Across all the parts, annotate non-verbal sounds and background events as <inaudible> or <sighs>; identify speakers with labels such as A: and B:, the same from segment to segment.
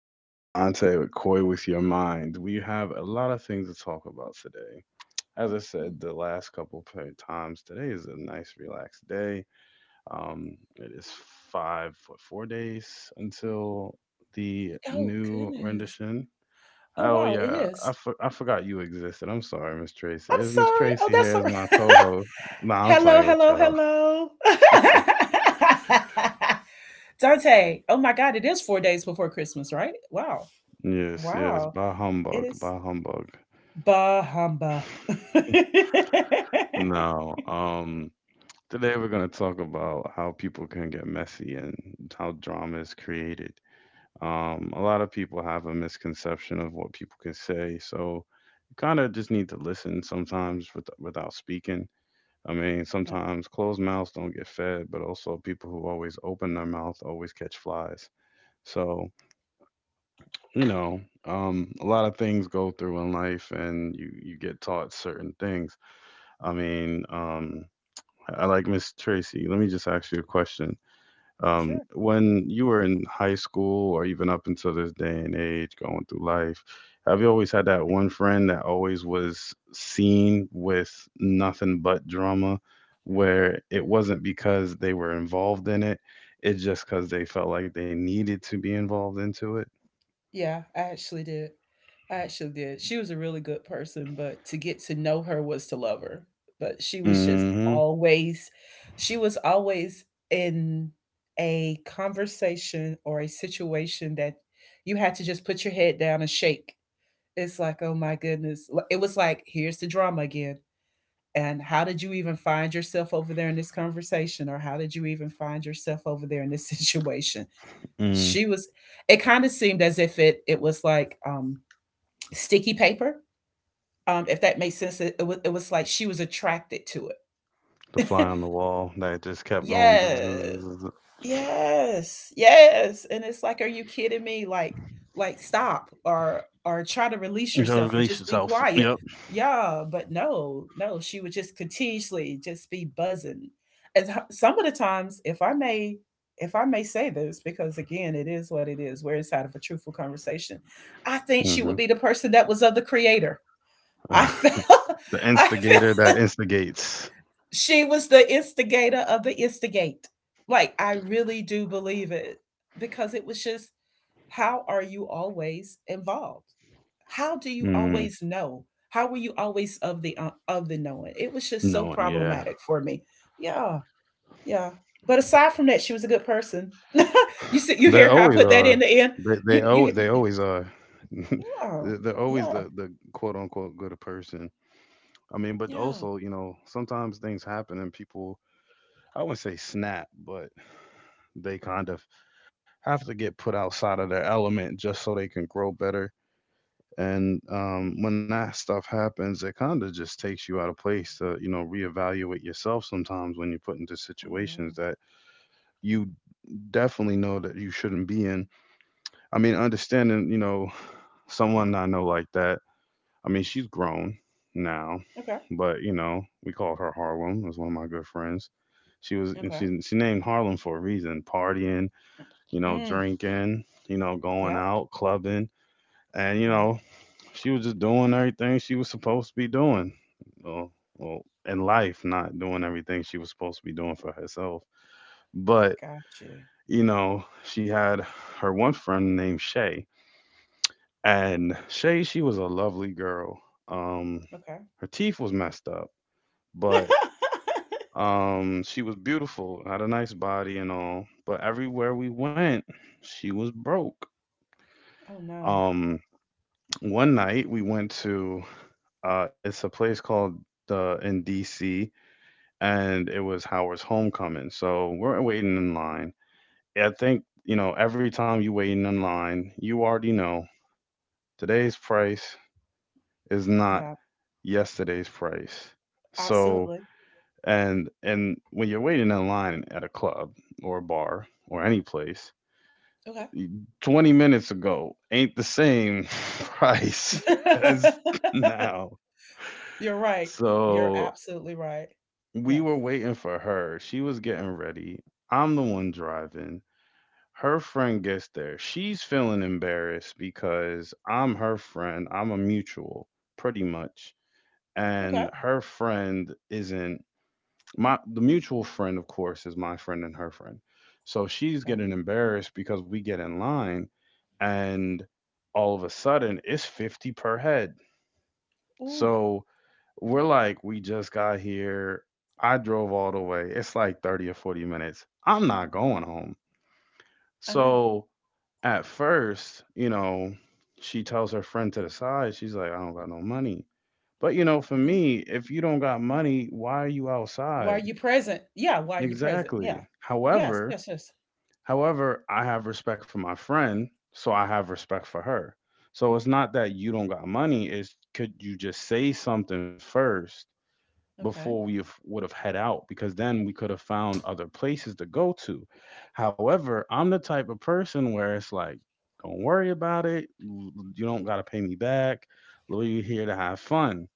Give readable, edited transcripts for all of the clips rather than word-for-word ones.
A: is Dante with Koi with Your Mind. We have a lot of things to talk about today. As I said, the last couple of times, today is a nice, relaxed day. It is 4 days until the
B: Oh,
A: new
B: goodness.
A: rendition.
B: Oh,
A: Oh,
B: wow, it
A: yeah,
B: is.
A: I forgot you existed. I'm sorry, Miss
B: I'm
A: Tracy. Is Miss
B: sorry. Oh,
A: Tracy
B: that's
A: here
B: all
A: as my
B: right.
A: co host?
B: <laughs>
A: Nah, I'm
B: Hello,
A: playing with
B: hello,
A: y'all.
B: hello. <laughs> Dante, oh my God, it is 4 days before Christmas, right? Wow.
A: Yes, yes,
B: Wow.
A: by
B: It
A: humbug,
B: is
A: by humbug.
B: Bah humbug. <laughs>
A: No, today we're going to talk about how people can get messy and how drama is created. A lot of people have a misconception of what people can say, so you kind of just need to listen sometimes without speaking. I mean,
B: Yeah,
A: sometimes closed mouths don't get fed, but also people who always open their mouth always catch flies. So, you know, a lot of things go through in life, and you get taught certain things. I mean, I like Miss Tracy. Let me just ask you a question.
B: sure.
A: When you were in high school or even up until this day and age, going through life, have you always had that one friend that always was seen with nothing but drama, where
B: Yeah.
A: it wasn't because they were involved in it, it's just because they felt like they needed to be involved into it?
B: Yeah, I actually did. I actually did. She was a really good person, but to get to know her was to love her. But she was just
A: Hmm.
B: always, she was always in a conversation or a situation that you had to just put your head down and shake. It's like, oh my goodness. It was like, here's the drama again. And how did you even find yourself over there in this conversation? Or how did you even find yourself over there in this <laughs> situation?
A: Mm.
B: She was It kind of seemed as if it was like sticky paper, if that makes sense. It was like she was attracted to
A: The
B: it.
A: fly on the wall that just
B: <laughs>
A: kept going. <laughs>
B: Yes.
A: Bzzz.
B: Yes. Yes. And it's like, are you kidding me? Like, stop or try to release
A: Go
B: yourself or
A: release
B: just be
A: yourself.
B: quiet.
A: Yep.
B: Yeah, but no, no, she would just continuously just be buzzing. And some of the times, if I may say this, because again, it is what it is. We're inside of a truthful conversation. I think she
A: Hmm.
B: would be the person that was of the creator. I felt
A: <laughs> The
B: <laughs> I feel
A: instigator that instigates.
B: she was the instigator of the instigate. Like, I really do believe it because it was just how are you always involved? How do you
A: Mm,
B: always know? How were you always of the knowing? It was just so
A: no, yeah,
B: problematic for me. Yeah, yeah. But aside from that, she was a good person. <laughs> You see, you
A: they
B: hear how I
A: always
B: put that
A: are.
B: in the end. You, you,
A: They always are. <laughs>
B: yeah,
A: They're always
B: yeah,
A: the quote unquote good person. I mean, but
B: yeah.
A: also you know sometimes things happen and people, I wouldn't say snap, but they kind of have to get put outside of their element just so they can grow better. And
B: Mm,
A: when that stuff happens, it kind of just takes you out of place to you know reevaluate yourself sometimes when you're put into
B: oh
A: situations
B: yeah.
A: that you definitely know that you shouldn't be in. I mean, understanding, you know, <sighs> someone I know like that. I mean, she's grown now,
B: Okay.
A: but you know, we called her Harlem. It was one of my good friends. She was, and
B: Okay.
A: she named Harlem for a reason. Partying, you know,
B: Mm,
A: drinking, you know, going
B: yep.
A: out, clubbing, and you
B: Yeah.
A: know, she was just doing everything she was supposed to be doing. Well, well, in life, not doing everything she was supposed to be doing for herself. But
B: Got you.
A: you know, she had her one friend named Shay, and Shay, she was a lovely girl. Um,
B: Okay.
A: Her teeth was messed up, but
B: <laughs>
A: she was beautiful, had a nice body and all. But everywhere we went, she was broke.
B: Oh, no.
A: Um, One night we went to it's a place called the in DC, and it was Howard's homecoming. So we're waiting in line. I think you know every time you waiting in line, you already know today's price is not
B: Yeah,
A: yesterday's price. So,
B: absolutely.
A: and when you're waiting in line at a club or a bar or any place,
B: Okay.
A: 20 minutes ago ain't the same price <laughs> as now.
B: <laughs> You're right. You're
A: So,
B: absolutely right.
A: we
B: Yes.
A: were waiting for her. She was getting ready. I'm the one driving. Her friend gets there. She's feeling embarrassed because I'm her friend. I'm a mutual, pretty much,
B: Okay.
A: and her friend isn't, my the mutual friend of course is my friend and her friend. So she's
B: Okay.
A: getting embarrassed because we get in line and all of a sudden it's 50 per head.
B: Ooh,
A: So we're like, we just got here. I drove all the way, it's like 30 or 40 minutes, I'm not going home.
B: I know.
A: So at first, you know, she tells her friend to the side, she's like, I don't got no money. But you know, for
B: Mhm.
A: me, if you don't got money, why are you
B: Why are
A: outside?
B: you present? Yeah, why are you present? Yeah.
A: Exactly.
B: Yes,
A: However,
B: yes, yes.
A: however, I have respect for my friend, so I have respect for her. So it's not that you don't got money, it's could you just say something first before
B: Okay.
A: we would have head out, because then we could have found other places to go to. However, I'm the type of person where it's like, don't worry about it. You don't got to pay me back. We're here to have fun.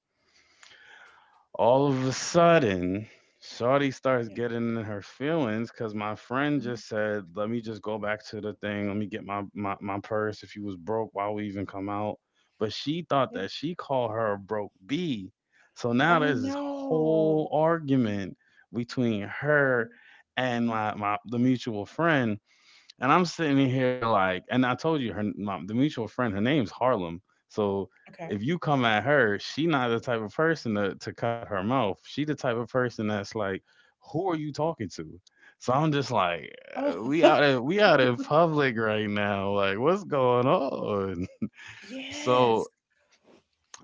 A: All of a sudden, Shawty starts
B: Yeah.
A: getting in her feelings because my friend
B: Mhm.
A: just said, "Let me just go back to the thing. Let me get my, my purse. If you was broke, why we even come out?" But she thought
B: Yeah.
A: that she called her a broke B. So now
B: Oh,
A: there's this
B: no.
A: whole argument between her and my the mutual friend, and I'm sitting in here like, and I told you the mutual friend, her name's Harlem. So
B: Okay.
A: if you come at her, she not the type of person to cut her mouth. She the type of person that's like, who are you talking to? So I'm just like,
B: Oh, <laughs>
A: we out in public right now. Like, what's going on? <laughs> So
B: yes.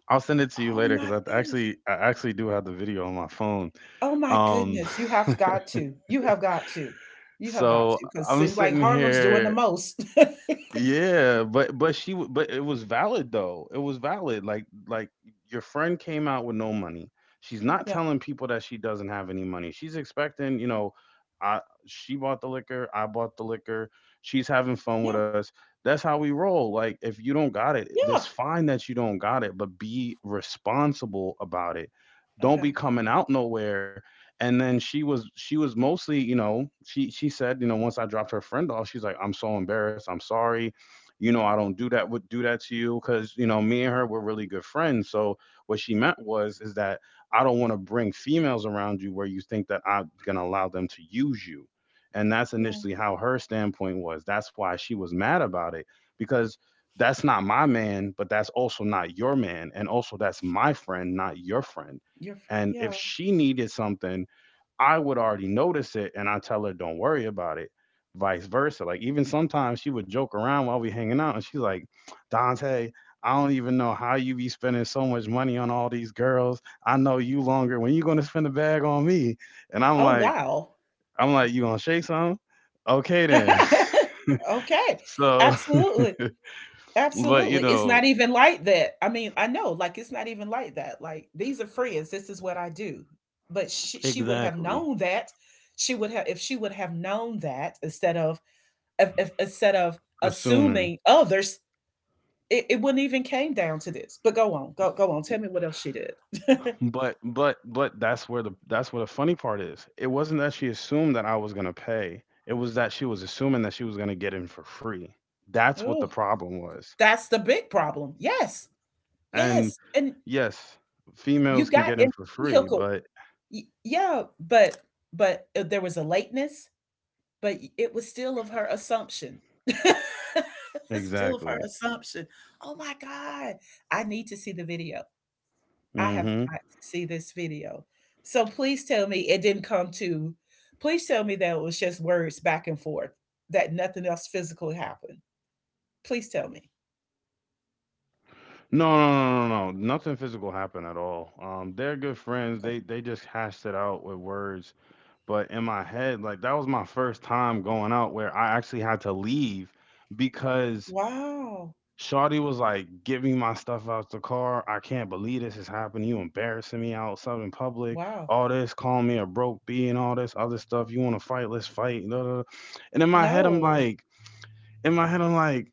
A: I'll send it to you
B: Oh,
A: later because
B: my goodness.
A: I actually do have the video on my phone.
B: Oh, my
A: Um,
B: goodness. You have got to. You have got to.
A: <laughs>
B: You have got
A: so
B: to because it
A: I'm
B: seems like
A: sitting
B: Harlem's doing the
A: here.
B: most. <laughs>
A: Yeah, but it was valid though. It was valid. Like your friend came out with no money. She's not
B: Yeah.
A: telling people that she doesn't have any money. She's expecting, you know, I she bought the liquor, I bought the liquor. She's having fun with
B: Yeah,
A: us. That's how we roll. Like if you don't got it, it's
B: yeah,
A: fine that you don't got it, but be responsible about it. Don't be
B: okay,
A: coming out nowhere, and then she was mostly, you know, she said, you know, once I dropped her friend off, she's like, I'm so embarrassed, I'm sorry. You know, I don't do that would do that to you because you know me and her were really good friends. So what she meant was is that I don't want to bring females around you where you think that I'm going to allow them to use you, and that's
B: yeah,
A: initially how her standpoint was, that's why she was mad about it. Because that's not my man, but that's also not your man, and also that's my friend, not your friend.
B: you're
A: And
B: yeah.
A: if she needed something, I would already notice it and I tell her, don't worry about it. Vice versa. Like even sometimes she would joke around while we hanging out and she's like, Dante, I don't even know how you be spending so much money on all these girls. I know you longer. When you gonna spend the bag on me? And I'm
B: Oh,
A: like,
B: wow.
A: you gonna shake some? Okay then.
B: <laughs>
A: <laughs>
B: Okay,
A: So
B: absolutely,
A: but you
B: absolutely, it's not
A: know,
B: even like that, I mean, I know, like, it's not even like that, like, these are friends, this is what I do, but she would have
A: exactly.
B: known that, she would have if she would have known that instead of
A: Assuming.
B: assuming others, it wouldn't even came down to this, but go on, go on, tell me what else she did. <laughs>
A: But that's where the funny part is. It wasn't that she assumed that I was gonna pay. It was that she was assuming that she was gonna get in for free. That's what the
B: Oh,
A: problem was.
B: that's the big problem, yes.
A: And
B: Yes, and
A: yes,
B: you
A: females can
B: got
A: get in
B: in
A: for
B: the
A: free,
B: vehicle.
A: but
B: Y yeah, but, there was a lateness, but y it was still of her assumption. <laughs> It's still of her
A: exactly.
B: assumption. "Oh my God, I need to see the video. I have
A: Mm-hmm.
B: got to see this video." So please tell me it didn't come to, please tell me that it was just words back and forth, that nothing else physically happened. Please tell me.
A: No, no, no, no, no, no. Nothing physical happened at all. They're good friends.
B: Okay.
A: They just hashed it out with words. But in my head, like that was my first time going out where I actually had to leave because
B: Wow.
A: Shawty was like, "Get me my stuff out the car. I can't believe this is happening. You embarrassing me outside in public.
B: Wow.
A: All this, calling me a broke b and all this other stuff. You want to fight? Let's fight, da, da, da." And in my head, I'm
B: No.
A: like, in my head, I'm like,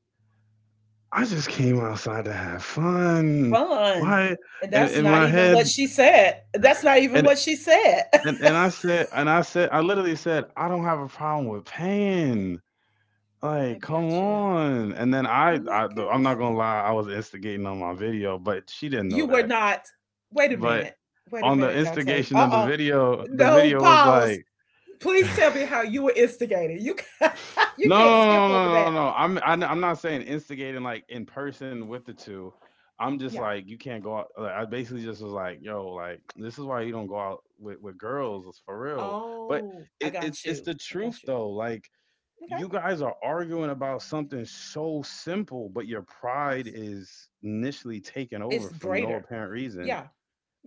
A: I just came outside to have fun.
B: Fun.
A: Why?
B: And that's
A: In
B: not
A: my
B: even what
A: head,
B: she said. That's not even
A: and,
B: what she said. <laughs>
A: and I said, I literally said, I don't have a problem with paying.
B: I
A: Like, come
B: got you.
A: on. And then,
B: Oh my
A: I'm not
B: goodness.
A: gonna lie, I was instigating on my video, but she didn't know
B: You were
A: that.
B: not. Wait a
A: But
B: minute. Wait a
A: on the
B: minute, Dante.
A: instigation of
B: Uh-uh.
A: the
B: No,
A: video was
B: pause.
A: like, <laughs> no,
B: Please tell me how you were instigated. You can't, <laughs> you
A: no,
B: can't skip
A: no,
B: over
A: no, no,
B: that.
A: no. I'm not saying instigating like in person with the two. I'm just
B: Yeah.
A: like you can't go out. Like, I basically just was like, yo, like this is why you don't go out with girls, it's for real. But
B: Oh, I
A: it's
B: got you.
A: the
B: I
A: truth
B: got you.
A: though. Like
B: Okay.
A: you guys are arguing about something so simple, but your pride
B: Absolutely.
A: is initially taken over
B: It's
A: for no
B: greater.
A: apparent reason.
B: Yeah.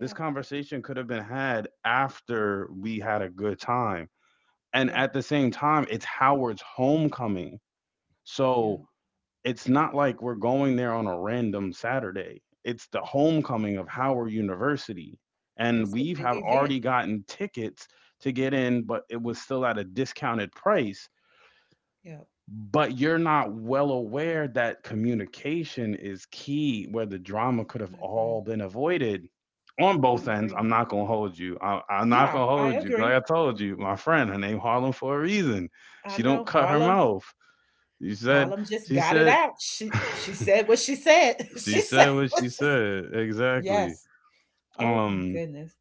A: This conversation could have been had after we had a good time. And
B: Yeah.
A: at the same time, it's Howard's homecoming. So
B: Yeah.
A: it's not like we're going there on a random Saturday. It's the homecoming of Howard University. And
B: It's a
A: we've
B: big
A: have
B: event.
A: already gotten tickets to get in, but it was still at a discounted price.
B: Yeah.
A: But you're not well aware that communication is key, where the drama could have
B: I
A: all
B: agree.
A: been avoided on
B: I
A: both ends.
B: agree.
A: I'm not going to hold you, I, I'm not
B: Yeah,
A: going to
B: I
A: hold you like
B: agree.
A: I told you, my friend, her name Harlem for a reason.
B: I
A: She
B: know
A: don't cut her
B: Harlem.
A: mouth. she said
B: Harlem just
A: she
B: got it
A: said
B: out. She
A: <laughs>
B: she said what she said. <laughs>
A: she
B: she
A: said
B: said
A: what
B: what
A: she
B: she s-
A: said, exactly.
B: Yes. Oh my
A: um
B: goodness.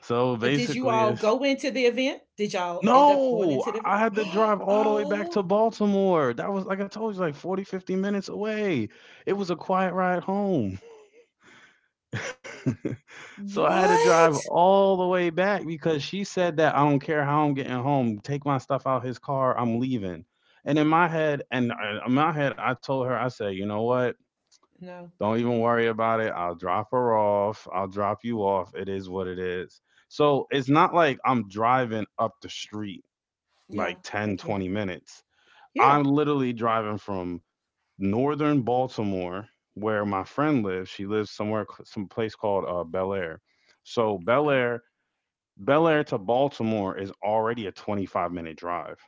A: so
B: But did you
A: basically
B: all
A: it's
B: go into the event? Did y'all end up going
A: No,
B: into the event?
A: I had to
B: <gasps>
A: drive all the way back
B: Oh,
A: to Baltimore. That was, like I told you, like 40, 50 minutes away. It was a quiet ride home. <laughs> So I had to drive
B: what?
A: all the way back because she said that, "I don't care how I'm getting home. Take my stuff out his car. I'm leaving." And in my head, and In my head, I told her, I said, "You know what?
B: No.
A: Don't even worry about it. I'll drop her off. I'll drop you off. It is what it is." So it's not like I'm driving up the street
B: Yeah,
A: like
B: I
A: 10,
B: get
A: twenty
B: it.
A: minutes
B: Yeah.
A: I'm literally driving from northern Baltimore, where my friend lives. She lives somewhere, some place called Bel Air. So Bel
B: Okay.
A: Air, Bel Air to Baltimore is already a 25-minute drive,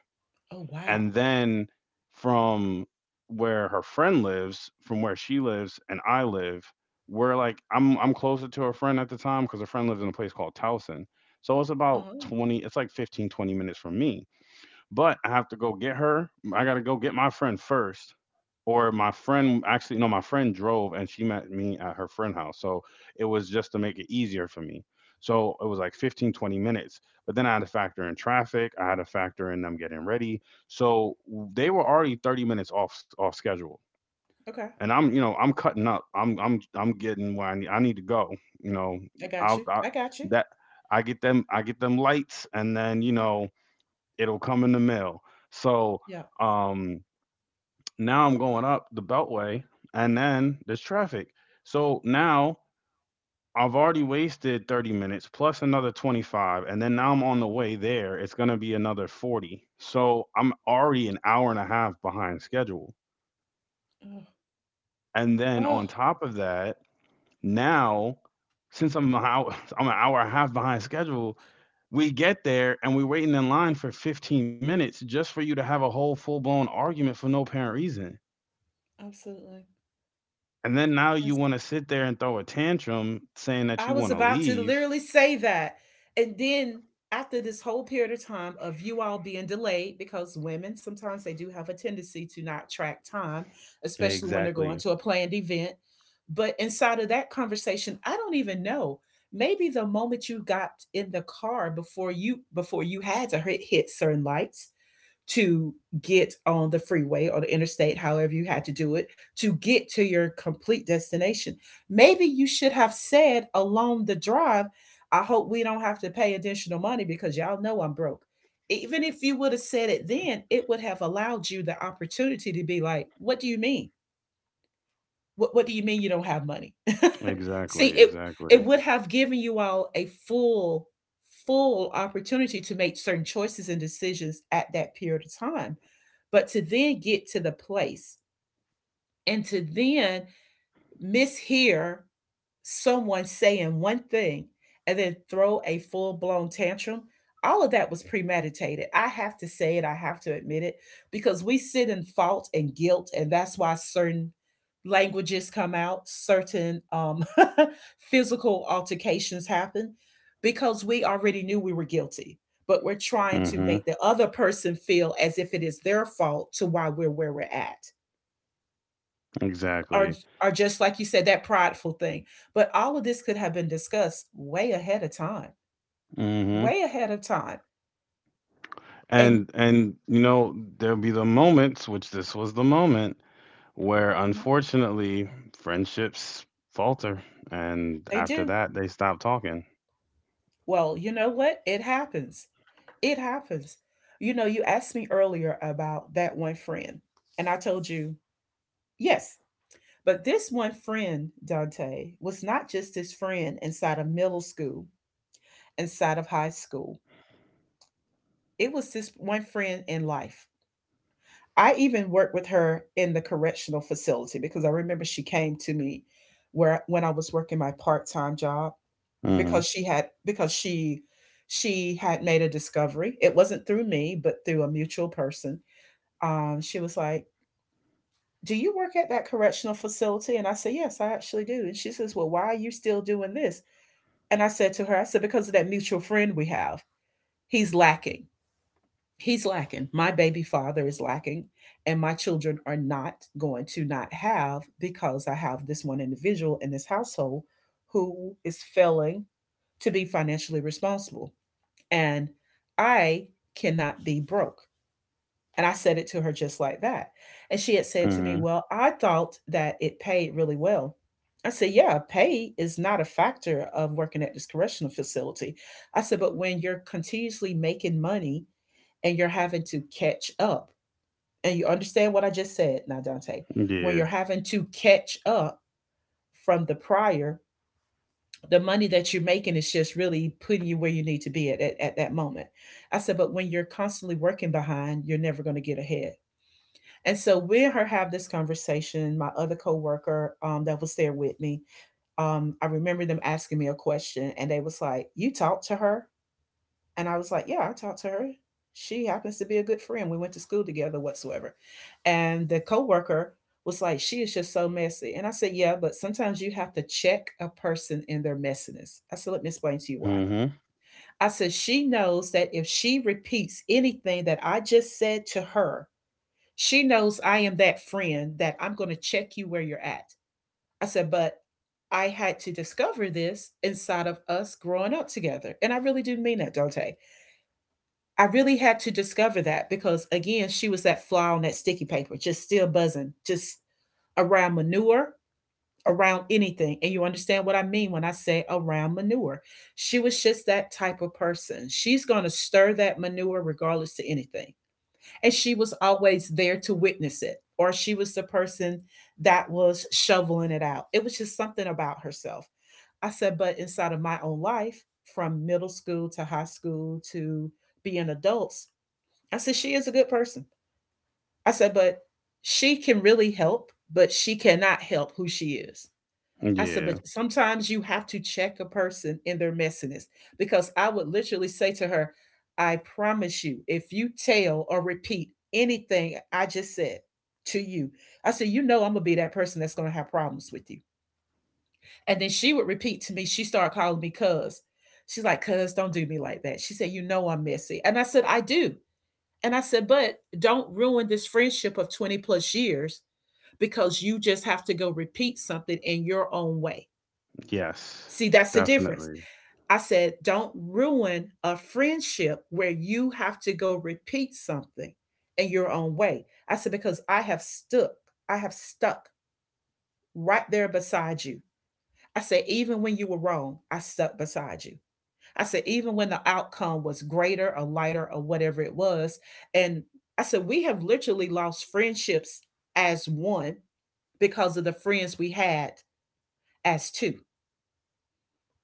B: Oh wow.
A: and then from where her friend lives, from where she lives and I live, we're like, I'm closer to her friend at the time because her friend lives in a place called Towson. So it's about
B: Uh-huh.
A: 20, it's like 15, 20 minutes from me, but I have to go get her. I gotta go get my friend first. Or my friend, actually, no, my friend drove and she met me at her friend house. So it was just to make it easier for me. So it was like 15, 20 minutes. But then I had to factor in traffic. I had to factor in them getting ready. So they were already 30 minutes off schedule.
B: Okay.
A: And I'm, you know, I'm cutting up. I'm getting where I need to go. You know,
B: I got
A: I'll
B: you.
A: I,
B: I got you.
A: that I get them lights, and then, you know, it'll come in the mail. So
B: Yeah.
A: um, now I'm going up the Beltway, and then there's traffic. So now I've already wasted 30 minutes plus another 25, and then now I'm on the way there. It's going to be another 40. So I'm already an hour and a half behind schedule.
B: Oh,
A: And then on
B: oh,
A: top of that, now, since I'm an <laughs> I'm an hour and a half behind schedule, we get there and we're waiting in line for 15 minutes just for you to have a whole full blown argument for no apparent reason.
B: absolutely.
A: And then now you want to sit there and throw a tantrum saying that
B: I
A: you
B: was
A: want to
B: about to
A: leave.
B: literally say that. And then after this whole period of time of you all being delayed, because women sometimes they do have a tendency to not track time, especially when they're going
A: Exactly.
B: to a planned event. But inside of that conversation, I don't even know. Maybe the moment you got in the car before you had to hit certain lights, to get on the freeway or the interstate, however you had to do it, to get to your complete destination. Maybe you should have said along the drive, I hope we don't have to pay additional money because y'all know I'm broke. Even if you would have said it then, it would have allowed you the opportunity to be like, what do you mean? What do you mean you don't have money? <laughs> See,
A: Exactly.
B: it
A: Exactly.
B: would have given you all a full opportunity to make certain choices and decisions at that period of time. But to then get to the place and to then mishear someone saying one thing and then throw a full blown tantrum, all of that was premeditated. I have to say it, I have to admit it, because we sit in fault and guilt, and that's why certain languages come out, certain <laughs> physical altercations happen, because we already knew we were guilty. But we're trying to
A: Hmm.
B: make the other person feel as if it is their fault to why we're where we're at, are
A: Exactly.
B: are just like you said, that prideful thing. But all of this could have been discussed way ahead of time,
A: Hmm.
B: way ahead of time. And
A: And you know there'll be the moments, which this was the moment, where, unfortunately, friendships falter, and
B: they
A: after
B: do.
A: that they stop talking.
B: Well, you know what, it happens. It happens. You know, you asked me earlier about that one friend, and I told you, yes, but this one friend, Dante, was not just his friend inside of middle school, inside of high school. It was this one friend in life. I even worked with her in the correctional facility because I remember she came to me where when I was working my part-time job,
A: Hmm.
B: because she had made a discovery. It wasn't through me, but through a mutual person. She was like, "Do you work at that correctional facility?" And I said, "Yes, I actually do." And she says, "Well, why are you still doing this?" And I said to her, "I said because of that mutual friend we have. He's lacking." He's lacking. My baby father is lacking, and my children are not going to not have because I have this one individual in this household who is failing to be financially responsible. And I cannot be broke. And I said it to her just like that. And she had said to me,
A: Hmm.
B: "Well, I thought that it paid really well." I said, "Yeah, pay is not a factor of working at this correctional facility." I said, "But when you're continuously making money, and you're having to catch up." And you understand what I just said now, Dante. When
A: Yeah.
B: you're having to catch up from the prior, the money that you're making is just really putting you where you need to be at, that moment. I said, but when you're constantly working behind, you're never going to get ahead. And so we and her have this conversation. My other coworker, that was there with me, I remember them asking me a question, and they was like, "You talked to her?" And I was like, "Yeah, I talked to her. She happens to be a good friend. We went to school together whatsoever." And the coworker was like, "She is just so messy." And I said, "Yeah, but sometimes you have to check a person in their messiness. I said, let me explain to you why."
A: Hmm.
B: I said, "She knows that if she repeats anything that I just said to her, she knows I am that friend that I'm going to check you where you're at." I said, "But I had to discover this inside of us growing up together." And I really do mean that, Dante. I really had to discover that because again, she was that fly on that sticky paper, just still buzzing, just around manure, around anything. And you understand what I mean when I say around manure. She was just that type of person. She's going to stir that manure regardless to anything. And she was always there to witness it, or she was the person that was shoveling it out. It was just something about herself. I said, but inside of my own life, from middle school to high school to being adults, I said, she is a good person. I said, but she can really help, but she cannot help who she is. I said,
A: Yeah.
B: but sometimes you have to check a person in their messiness because I would literally say to her, I promise you, if you tell or repeat anything I just said to you, I said, I'm going to be that person that's going to have problems with you. And then she would repeat to me, she started calling me cuz. She's like, cuz, don't do me like that. She said, I'm messy. And I said, I do. And I said, but don't ruin this friendship of 20 plus years because you just have to go repeat something in your own way.
A: Yes.
B: See, that's the difference.
A: Definitely.
B: I said, don't ruin a friendship where you have to go repeat something in your own way. I said, because I have stuck right there beside you. I said, even when you were wrong, I stuck beside you. I said, even when the outcome was greater or lighter or whatever it was. And I said, we have literally lost friendships as one because of the friends we had as two.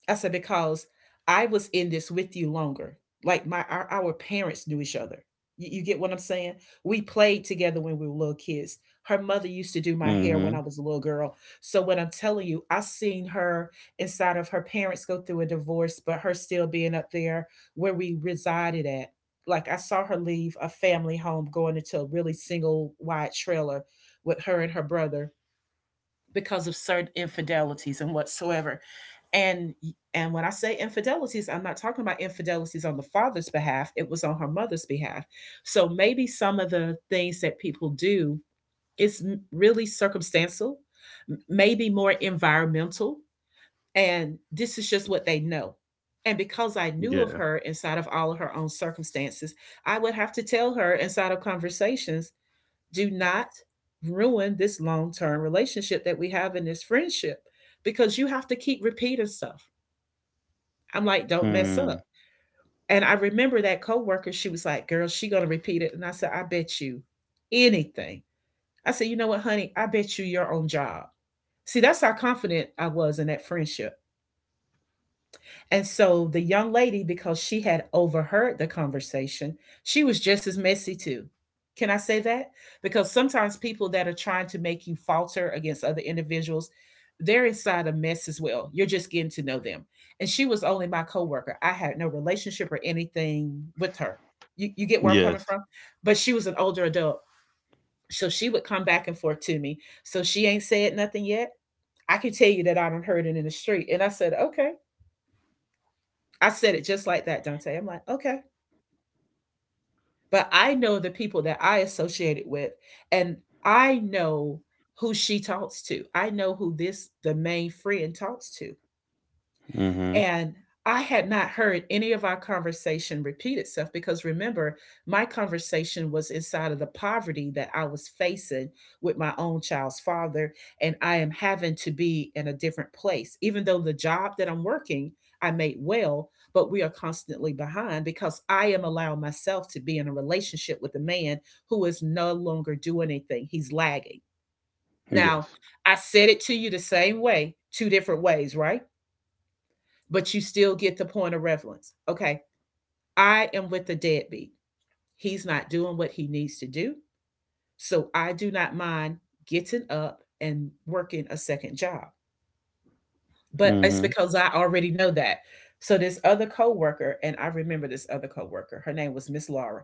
B: I said, because I was in this with you longer. Like our parents knew each other. You get what I'm saying? We played together when we were little kids. Her mother used to do my hair when
A: Mhm.
B: I was a little girl. So what I'm telling you, I seen her inside of her parents go through a divorce, but her still being up there where we resided at. Like I saw her leave a family home going into a really single wide trailer with her and her brother because of certain infidelities and whatsoever, and when I say infidelities, I'm not talking about infidelities on the father's behalf. It was on her mother's behalf. So maybe some of the things that people do is really circumstantial, maybe more environmental, and this is just what they know. And because I knew of
A: Yeah.
B: her inside of all of her own circumstances, I would have to tell her inside of conversations, do not ruin this long-term relationship that we have in this friendship because you have to keep repeating stuff. I'm like, don't mess
A: Mm.
B: up. And I remember that coworker, she was like, girl, she gonna repeat it. And I said, I bet you anything. I said, you know what, honey? I bet you your own job. See, that's how confident I was in that friendship. And so the young lady, because she had overheard the conversation, she was just as messy too. Can I say that? Because sometimes people that are trying to make you falter against other individuals, they're inside a mess as well. You're just getting to know them. And she was only my coworker. I had no relationship or anything with her. You get where I'm coming
A: Yes.
B: from? But she was an older adult. So she would come back and forth to me. So she ain't said nothing yet. I can tell you that I done heard it in the street. And I said, okay. I said it just like that, Dante. I'm like, okay. But I know the people that I associated with, and I know who she talks to. I know who the main friend talks to.
A: Mhm.
B: And I had not heard any of our conversation repeat itself because remember, my conversation was inside of the poverty that I was facing with my own child's father. And I am having to be in a different place. Even though the job that I'm working, I made well, but we are constantly behind because I am allowing myself to be in a relationship with a man who is no longer doing anything. He's lagging. Now,
A: Yes.
B: I said it to you the same way, two different ways, right? But you still get the point of relevance. Okay, I am with the deadbeat. He's not doing what he needs to do. So I do not mind getting up and working a second job. But it's
A: Mhm.
B: because I already know that. So this other coworker, and I remember this other coworker, her name was Miss Laura.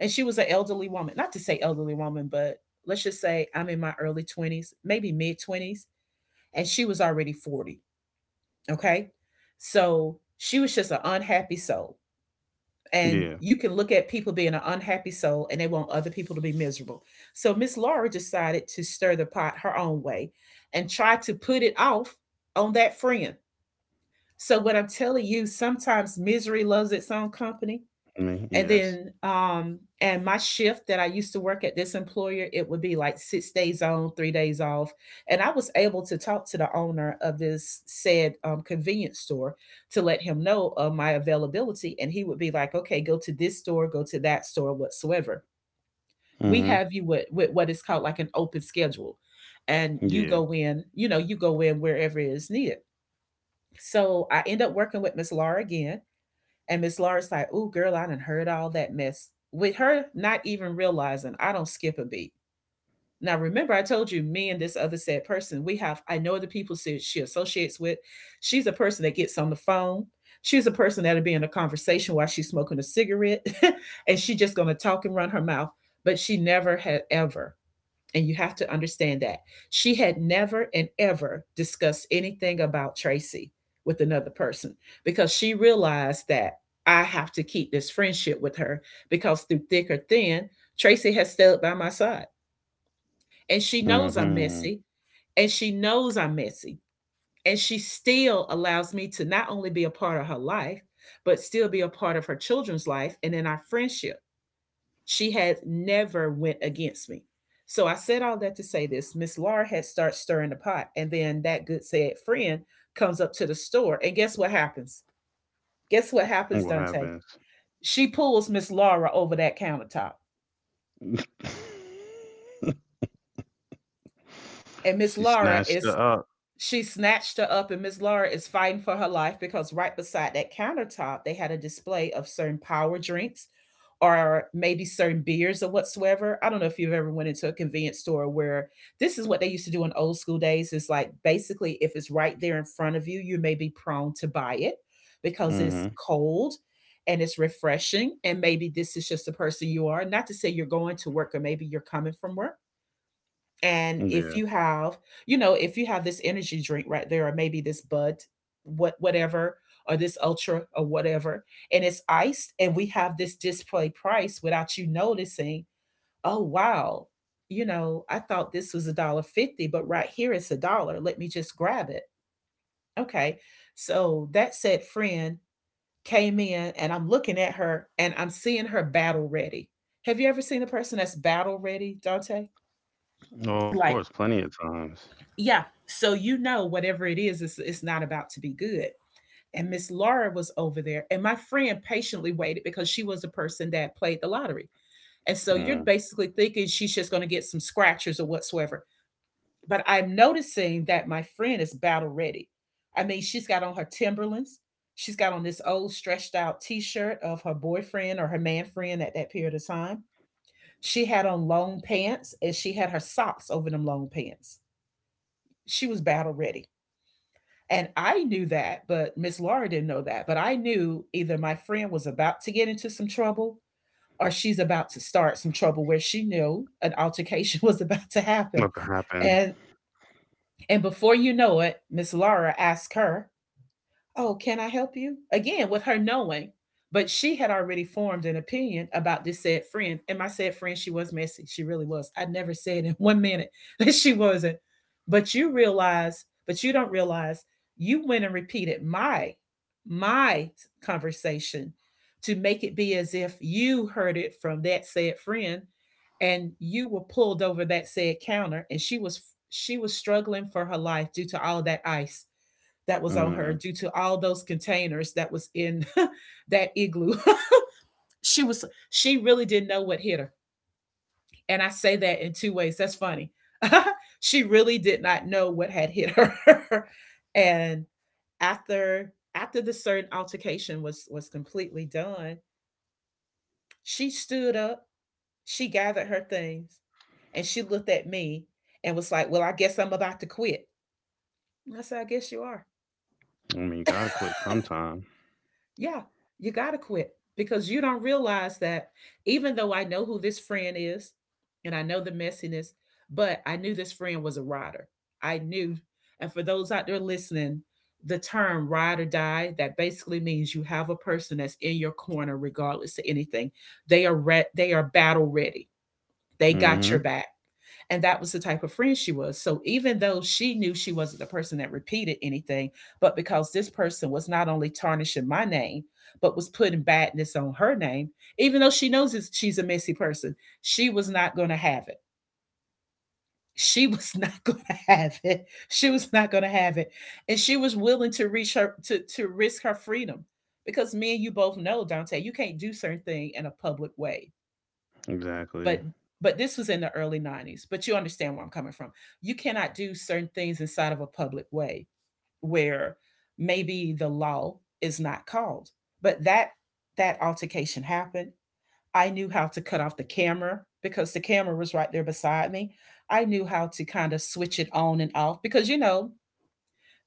B: And she was an elderly woman. Not to say elderly woman, but let's just say I'm in my early 20s, maybe mid 20s, and she was already 40. Okay. So she was just an unhappy soul. And
A: Yeah.
B: you can look at people being an unhappy soul and they want other people to be miserable. So Miss Laura decided to stir the pot her own way and try to put it off on that friend. So what I'm telling you, sometimes misery loves its own company.
A: Me.
B: And
A: Yes.
B: then and my shift that I used to work at this employer, it would be like 6 days on 3 days off. And I was able to talk to the owner of this said convenience store to let him know of my availability. And he would be like, okay, go to this store, go to that store, whatsoever. We
A: Mhm.
B: have you with what is called like an open schedule. And you
A: Yeah.
B: go in, you go in wherever it is needed. So I end up working with Miss Laura again. And Miss Laura's like, "Ooh, girl, I done heard all that mess." With her not even realizing, I don't skip a beat. Now, remember, I told you, me and this other said person, we have. I know the people she associates with. She's a person that gets on the phone. She's a person that'll be in a conversation while she's smoking a cigarette, <laughs> and she just gonna talk and run her mouth. But she never had ever, and you have to understand that. She had never and ever discussed anything about Tracy with another person because she realized that I have to keep this friendship with her because through thick or thin, Tracy has stood by my side. And she knows I'm
A: Mhm.
B: messy, and she knows I'm messy. And she still allows me to not only be a part of her life, but still be a part of her children's life and in our friendship. She had never went against me. So I said all that to say this. Miss Laura had started stirring the pot, and then that good said friend comes up to the store, and guess what happens? Guess what
A: And
B: happens,
A: what
B: Dante?
A: happens?
B: She pulls Miss Laura over that countertop,
A: <laughs>
B: and Miss
A: She
B: Laura
A: snatched it
B: is
A: up.
B: She snatched her up, and Miss Laura is fighting for her life because right beside that countertop, they had a display of certain power drinks or maybe certain beers or whatsoever. I don't know if you've ever went into a convenience store where this is what they used to do in old school days. It's like basically if it's right there in front of you, you may be prone to buy it because it's
A: Mhm.
B: cold and it's refreshing. And maybe this is just the person you are. Not to say you're going to work or maybe you're coming from work, and if
A: Yeah.
B: you have, if you have this energy drink right there, or maybe this Bud, whatever, or this Ultra or whatever, and it's iced, and we have this display price without you noticing. Oh wow, I thought this was a dollar fifty, but right here it's a dollar. Let me just grab it. Okay, so that said friend came in, and I'm looking at her, and I'm seeing her battle ready. Have you ever seen a person that's battle ready, Dante?
A: Oh, of course,
B: Like,
A: plenty of times.
B: yeah. So whatever it is, it's not about to be good. And Miss Laura was over there, and my friend patiently waited because she was a person that played the lottery. And so you're
A: Mm.
B: basically thinking she's just going to get some scratchers or whatsoever. But I'm noticing that my friend is battle ready. I mean, she's got on her Timberlands. She's got on this old stretched out t shirt of her boyfriend or her man friend at that period of time. She had on long pants, and she had her socks over them long pants. She was battle ready. And I knew that, but Miss Laura didn't know that. But I knew either my friend was about to get into some trouble or she's about to start some trouble where she knew an altercation <laughs> was about to happen.
A: What to happen?
B: And and before you know it, Miss Laura asked her, oh, can I help you? Again, with her knowing, but she had already formed an opinion about this said friend. And my said friend, she was messy. She really was. I never said in <laughs> one minute that she wasn't. But you realize, but you don't realize you went and repeated my conversation to make it be as if you heard it from that said friend, and you were pulled over that said counter and she was struggling for her life due to all that ice that was on her,
A: Mm.
B: due to all those containers that was in <laughs> that igloo. <laughs> She really didn't know what hit her. And I say that in two ways. That's funny. <laughs> She really did not know what had hit her. <laughs> And after the certain altercation was completely done, she stood up, she gathered her things, and she looked at me and was like, "Well, I guess I'm about to quit." And I said, "I guess you are."
A: I mean, you gotta quit
B: <laughs>
A: sometime.
B: Yeah, you got to quit, because you don't realize that even though I know who this friend is and I know the messiness, but I knew this friend was a rider. I knew. And for those out there listening, the term ride or die, that basically means you have a person that's in your corner regardless of anything. They are they are battle ready. They got your
A: Mhm.
B: back. And that was the type of friend she was. So even though she knew she wasn't the person that repeated anything, but because this person was not only tarnishing my name, but was putting badness on her name, even though she knows she's a messy person, she was not going to have it. She <laughs> was not going to have it. She was not going to have it. And she was willing to reach her to risk her freedom, because me and you both know, Dante, you can't do certain thing in a public way, but
A: Exactly.
B: but this was in the early 90s, but you understand where I'm coming from. You cannot do certain things inside of a public way where maybe the law is not called, but that altercation happened. I knew how to cut off the camera, because the camera was right there beside me. I knew how to kind of switch it on and off, because, you know,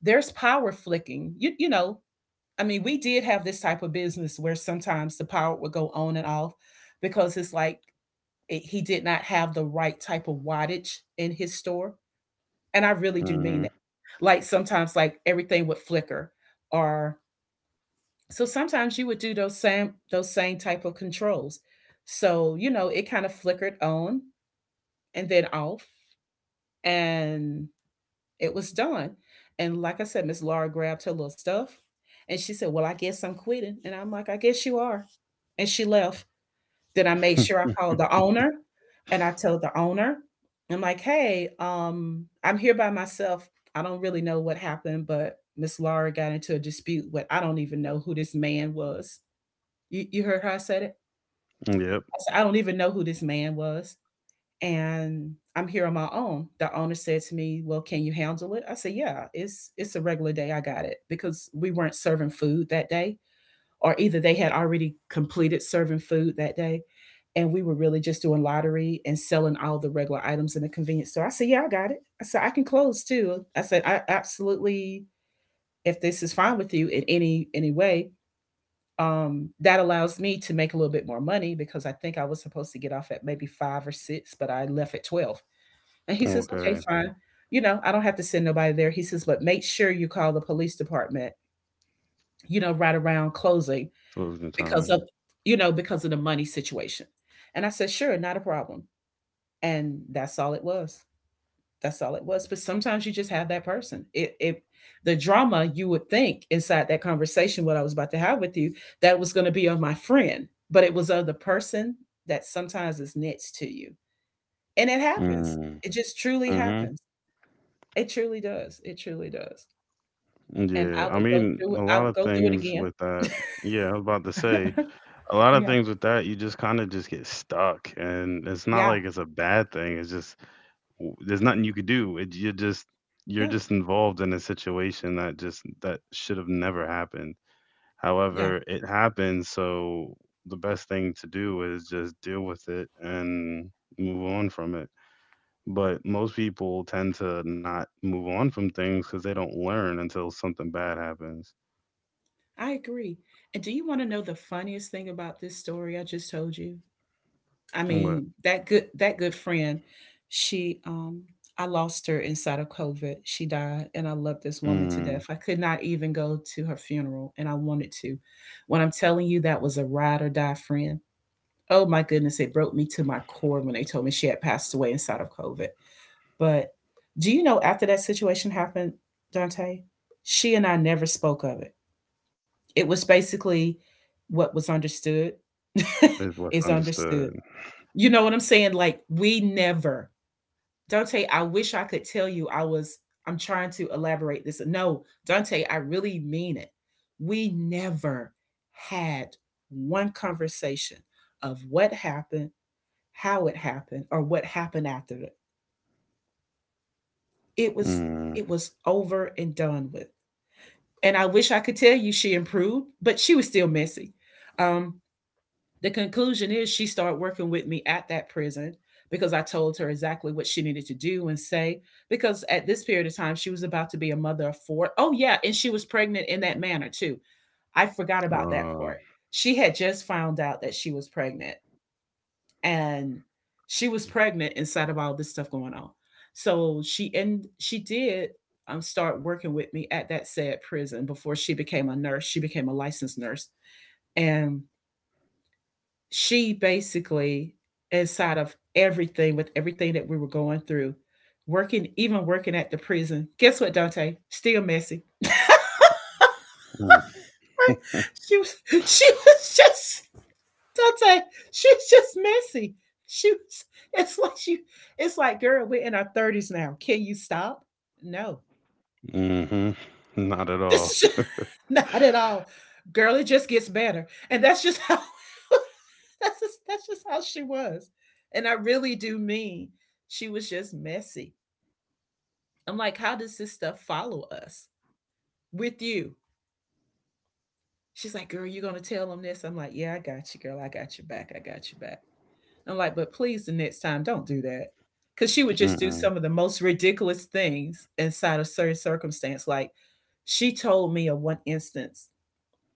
B: there's power flicking, I mean, we did have this type of business where sometimes the power would go on and off, because it's like he did not have the right type of wattage in his store. And I really do mean
A: Mhm.
B: that. Like sometimes like everything would flicker, or so sometimes you would do those same type of controls. So, you know, it kind of flickered on and then off, and it was done. And like I said, Miss Laura grabbed her little stuff and she said, "Well, I guess I'm quitting." And I'm like, "I guess you are." And she left. Then I made sure I
A: <laughs>
B: called the owner, and I told the owner, I'm like, "Hey, I'm here by myself. I don't really know what happened, but Miss Laura got into a dispute with I don't even know who this man was." You heard how I said it?
A: Yep.
B: I said, "I don't even know who this man was. And I'm here on my own." The owner said to me, "Well, can you handle it?" I said, "Yeah, it's a regular day. I got it." Because we weren't serving food that day, or either they had already completed serving food that day, and we were really just doing lottery and selling all the regular items in the convenience store. I said, "Yeah, I got it." I said, "I can close too." I said, "I absolutely, if this is fine with you in any way, that allows me to make a little bit more money, because I think I was supposed to get off at maybe five or six, but I left at 12" And he says,
A: Okay.
B: "Okay, fine. You know, I don't have to send nobody there." He says, "But make sure you call the police department, you know, right around closing,
A: Closing time.
B: because of, you know, because of the money situation." And I said, "Sure, not a problem." And that's all it was. That's all it was. But sometimes you just have that person, it the drama you would think inside that conversation what I was about to have with you, that was going to be of my friend, but it was of the person that sometimes is next to you. And it happens,
A: Mm,
B: it just truly
A: mm-hmm.
B: happens. It truly does, it truly does. And I
A: Yeah, I
B: would go
A: mean,
B: through it,
A: a
B: I
A: lot
B: would
A: of
B: go through it
A: things
B: again.
A: with that. Yeah, I was about to say,
B: <laughs>
A: a lot of
B: Yeah,
A: things with that, you just kind of just get stuck, and it's not
B: yeah,
A: like it's a bad thing. It's just, w- there's nothing you could do. It, you're just, you're
B: yeah,
A: just involved in a situation that just that should have never happened.
B: yeah.
A: However, it happened, so the best thing to do is just deal with it and move on from it. But most people tend to not move on from things because they don't learn until something bad happens.
B: I agree. And do you want to know the funniest thing about this story I just told you? I
A: What,
B: mean, that good friend, she I lost her inside of COVID. She died, and I love this woman to
A: mm,
B: death. I could not even go to her funeral, and I wanted to. When I'm telling you, that was a ride or die friend. Oh my goodness, it broke me to my core when they told me she had passed away inside of COVID. But do you know, after that situation happened, Dante? She and I never spoke of it. It was basically what was understood <laughs>
A: is what's
B: is understood.
A: understood?
B: You know what I'm saying? Like, we never Dante, I wish I could tell you I was I'm trying to elaborate this. No, Dante, I really mean it. We never had one conversation of what happened, how it happened, or what happened after it. It was,
A: Mm.
B: it was over and done with. And I wish I could tell you she improved, but she was still messy. Um, The conclusion is she started working with me at that prison, because I told her exactly what she needed to do and say. Because at this period of time, she was about to be a mother of four. Oh, yeah. And she was pregnant in that manner, too. I forgot about that
A: uh,
B: part. She had just found out that she was pregnant, and she was pregnant inside of all this stuff going on. So she, and she did start working with me at that said prison before she became a nurse. She became a licensed nurse. And she basically, inside of everything, with everything that we were going through, working, even working at the prison, guess what, Dante? Still messy. <laughs>
A: mm.
B: She was just Dante. She was just messy. She was. It's like she. It's like, girl, we're in our thirties now. Can you stop? No,
A: Hmm. Not at all.
B: this is <laughs> not at all. Girl, it just gets better. And that's just how <laughs> that's just how she was. And I really do mean she was just messy. I'm like, how does this stuff follow us with you? She's like, "Girl, you gonna tell them this?" I'm like, "Yeah, I got you, girl. I got your back. I got your back." I'm like, "But please, the next time, don't do that," because she would just do
A: Mm-mm.
B: some of the most ridiculous things inside of certain circumstance. Like, she told me of one instance,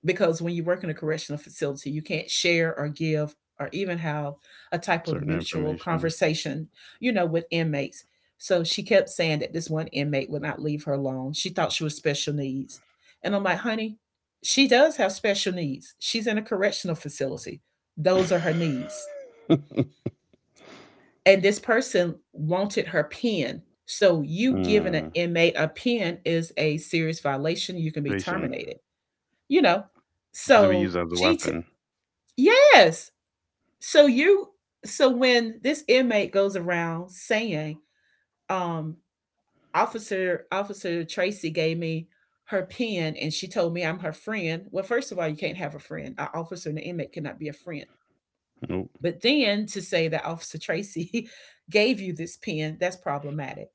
B: because when you work in a correctional facility, you can't share or give or even have a type of
A: Certain
B: mutual
A: information.
B: conversation, you know, with inmates. So she kept saying that this one inmate would not leave her alone. She thought she was special needs. And I'm like, honey, she does have special needs. She's in a correctional facility. Those are her needs.
A: <laughs>
B: And this person wanted her pen. So you giving an
A: Mm,
B: inmate a pen is a serious violation. You can be
A: station.
B: terminated, you know.
A: Because be
B: So
A: used as a
B: she
A: weapon.
B: Yes. So you so when this inmate goes around saying, um, officer Tracy gave me her pen and she told me I'm her friend. Well, first of all, you can't have a friend. An officer and an inmate cannot be a friend.
A: Nope.
B: But then to say that Officer Tracy <laughs> gave you this pen, that's problematic.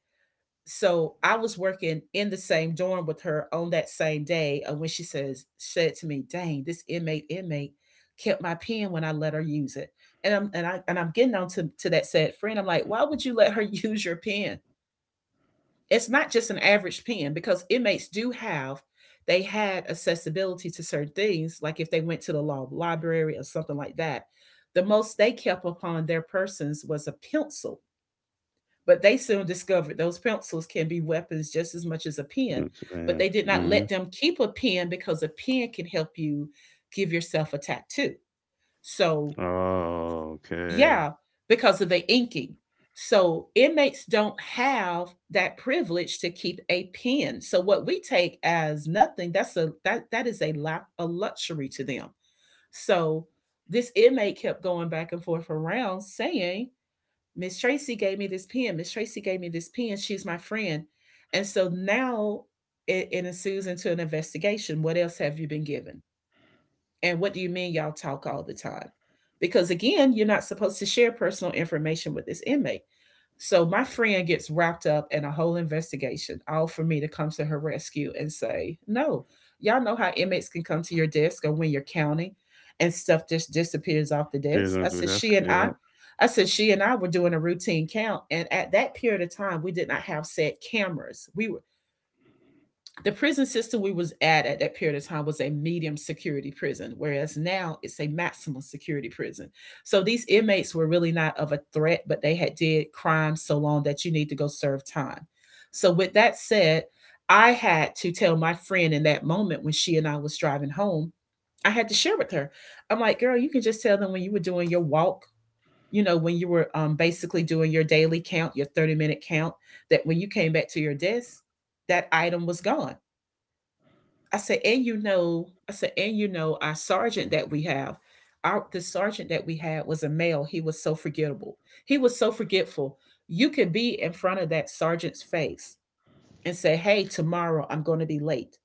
B: So I was working in the same dorm with her on that same day. And when she says, said to me, dang, this inmate kept my pen when I let her use it. And I'm and I and I'm getting on to that said friend. I'm like, why would you let her <laughs> use your pen? It's not just an average pen, because inmates do have they had accessibility to certain things, like if they went to the law library or something like that. The most they kept upon their persons was a pencil, but they soon discovered those pencils can be weapons just as much as a pen.
A: It's
B: But
A: bad.
B: they did not
A: Mm-hmm.
B: let them keep a pen, because a pen can help you give yourself a tattoo. So,
A: Oh, okay.
B: yeah, because of the inking. So, inmates don't have that privilege to keep a pen. So, what we take as nothing, that's a that that is a a luxury to them. So, this inmate kept going back and forth around saying, Miss Tracy gave me this pen. Miss Tracy gave me this pen. She's my friend. And so now it ensues into an investigation. What else have you been given? And what do you mean y'all talk all the time? Because again, you're not supposed to share personal information with this inmate. So my friend gets wrapped up in a whole investigation, all for me to come to her rescue and say, no, y'all know how inmates can come to your desk or when you're counting and stuff just disappears off the
A: Cheers,
B: desk.
A: Mr. Desk. Yeah.
B: I said, she and I were doing a routine count. And at that period of time, we did not have set cameras. We The prison system we was at that period of time was a medium security prison, whereas now it's a maximum security prison. So these inmates were really not of a threat, but they had did crime so long that you need to go serve time. So with that said, I had to tell my friend, in that moment when she and I was driving home, I had to share with her. I'm like, girl, you can just tell them when you were doing your walk, you know, when you were basically doing your daily count, your 30-minute minute count, that when you came back to your desk, that item was gone. I said, and you know, I said, and you know, our sergeant that we have, our the sergeant that we had was a male. He was so forgettable. He was so forgetful. You could be in front of that sergeant's face and say, hey, tomorrow I'm going to be late.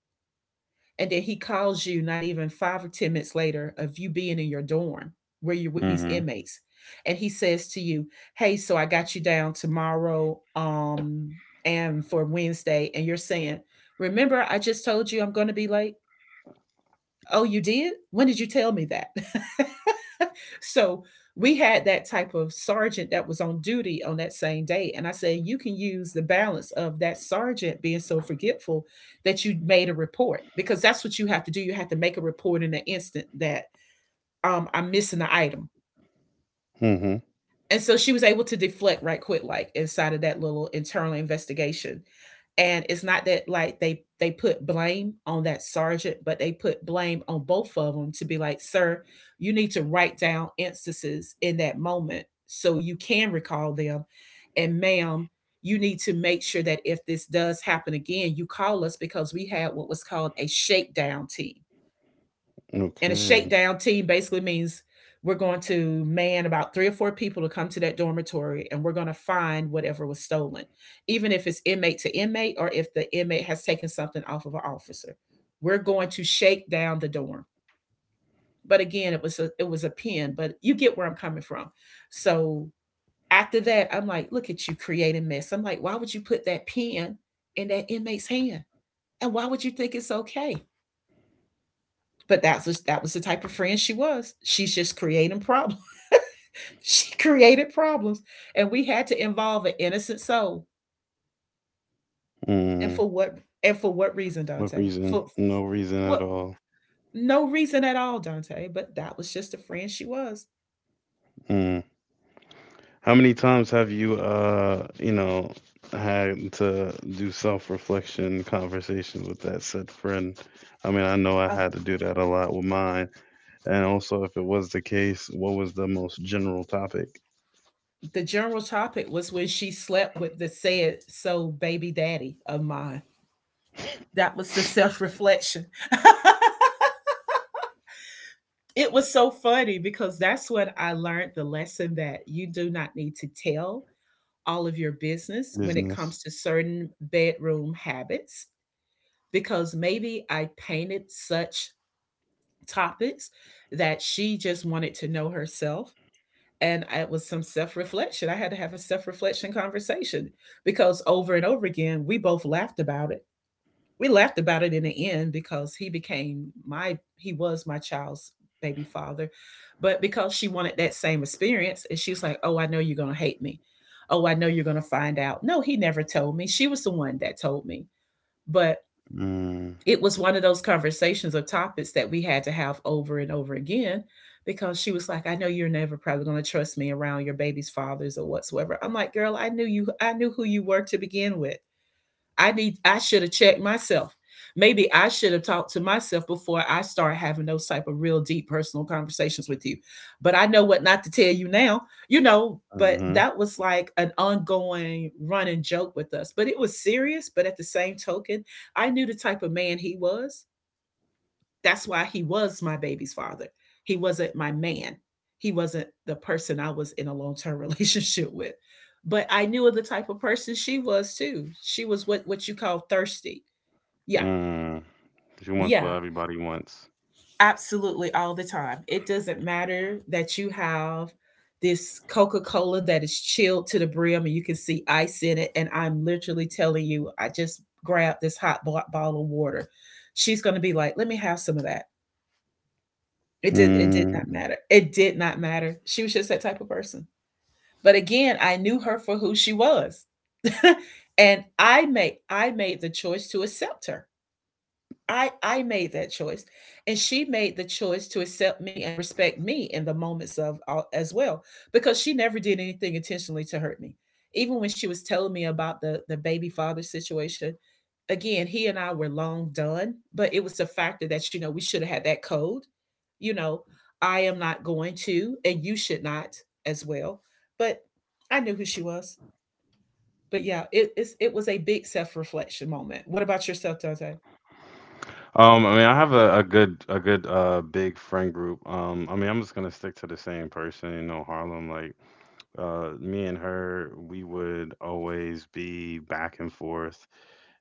B: And then he calls you not even five or 10 minutes later of you being in your dorm, where you're with these
A: Mm-hmm.
B: inmates. And he says to you, hey, so I got you down tomorrow and for Wednesday. And you're saying, remember, I just told you I'm going to be late? Oh, you did? When did you tell me that? <laughs> So we had that type of sergeant that was on duty on that same day. And I said, you can use the balance of that sergeant being so forgetful, that you made a report, because that's what you have to do. You have to make a report in the instant that I'm missing an item.
A: Mm-hmm.
B: And so she was able to deflect right quick like, inside of that little internal investigation. And it's not that like they put blame on that sergeant, but they put blame on both of them, to be like, sir, you need to write down instances in that moment so you can recall them. And ma'am, you need to make sure that if this does happen again, you call us, because we had what was called a shakedown team. And a
A: Okay.
B: shakedown team basically means we're going to man about three or four people to come to that dormitory, and we're going to find whatever was stolen, even if it's inmate to inmate, or if the inmate has taken something off of an officer. We're going to shake down the dorm. But again, it was a pen. But you get where I'm coming from. So after that, I'm like, look at you creating mess. I'm like, why would you put that pen in that inmate's hand? And why would you think it's okay? But that was the type of friend she was. She's just creating problems. <laughs> She created problems, and we had to involve an innocent soul. And
A: Mm-hmm.
B: for what? And for what reason,
A: What
B: Dante? For
A: reason? No reason at
B: what?
A: all.
B: No reason at all, Dante. But that was just the friend she was.
A: Mm. How many times have you, you know, had to do self-reflection conversations with that said friend? I mean, I know I
B: Uh,
A: had to do that a lot with mine. And also, if it was the case, what was the most general topic?
B: the general topic was when she slept with the said so baby daddy of mine. That was the self reflection. <laughs> It was so funny, because that's when I learned the lesson that you do not need to tell all of your business when it
A: Business.
B: comes to certain bedroom habits, because maybe I painted such topics that she just wanted to know herself. And it was some self reflection. I had to have a self reflection conversation, because over and over again, we both laughed about it. We laughed about it in the end, because he became my, he was my child's baby father. But because she wanted that same experience, and she was like, oh, I know you're going to hate me, oh, I know you're going to find out. No, he never told me, she was the one that told me. But
A: Mm.
B: it was one of those conversations or topics that we had to have over and over again, because she was like, I know you're never probably going to trust me around your baby's fathers or whatsoever. I'm like, girl, I knew you, I knew who you were to begin with. I should have checked myself. Maybe I should have talked to myself before I start having those type of real deep personal conversations with you. But I know what not to tell you now, you know, but
A: Mm-hmm.
B: that was like an ongoing running joke with us. But it was serious, but at the same token, I knew the type of man he was. That's why he was my baby's father. He wasn't my man. He wasn't the person I was in a long term <laughs> relationship with. But I knew of the type of person she was too. She was what you call thirsty. Yeah.
A: Mm. She wants what
B: Yeah.
A: everybody wants.
B: Absolutely. All the time. It doesn't matter that you have this Coca Cola that is chilled to the brim and you can see ice in it. And I'm literally telling you, I just grabbed this hot bottle of water. She's going to be like, let me have some of that. It did
A: Mm.
B: not matter. It did not matter. She was just that type of person. But again, I knew her for who she was. <laughs> And I made the choice to accept her. I made that choice, and she made the choice to accept me and respect me in the moments of, as well, because she never did anything intentionally to hurt me. Even when she was telling me about the baby father situation, again, he and I were long done, but it was the factor that, you know, we should have had that code. You know, I am not going to, and you should not as well. But I knew who she was. But yeah, it was a big self reflection moment. What about yourself, Dante?
A: I mean, I have a good, a good big friend group. I mean, I'm just gonna stick to the same person, you know, Harlem. Like, me and her, we would always be back and forth,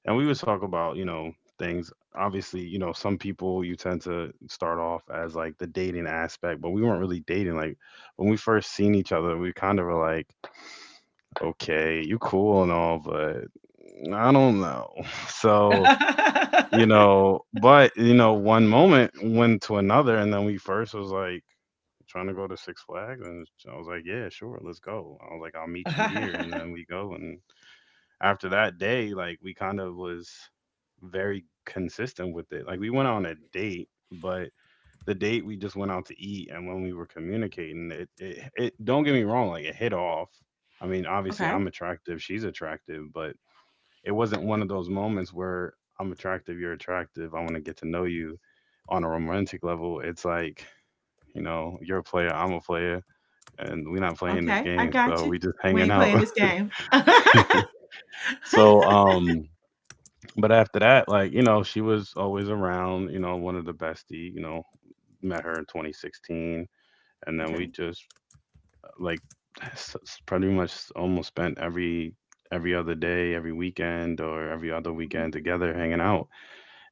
A: and we would talk about, you know, things. Obviously, you know, some people you tend to start off as like the dating aspect, but we weren't really dating. Like, when we first seen each other, we kind of were like, "Okay, you cool and all, but I don't know." <laughs> So, you
B: <laughs>
A: know, but, you know, one moment went to another, and then we first was like trying to go to Six Flags, and I was like, "Yeah, sure, let's go." I was like, "I'll meet you here," and then
B: <laughs>
A: we go, and after that day, like, we kind of was very consistent with it. Like, we went on a date, but the date we just went out to eat, and when we were communicating, it don't get me wrong, like, it hit off. I mean, obviously
B: Okay.
A: I'm attractive, she's attractive, but it wasn't one of those moments where, "I'm attractive, you're attractive, I want to get to know you on a romantic level." It's like, "You know, you're a player, I'm a player, and we're not playing this
B: Okay. I
A: game,
B: got
A: so
B: you.
A: we just
B: We
A: hanging
B: ain't playing
A: out."
B: this game. <laughs> Okay.
A: <laughs> So, but after that, like, you know, she was always around, you know, one of the bestie, you know, met her in 2016, and then we just like pretty much almost spent every other day, every weekend or every other weekend together hanging out.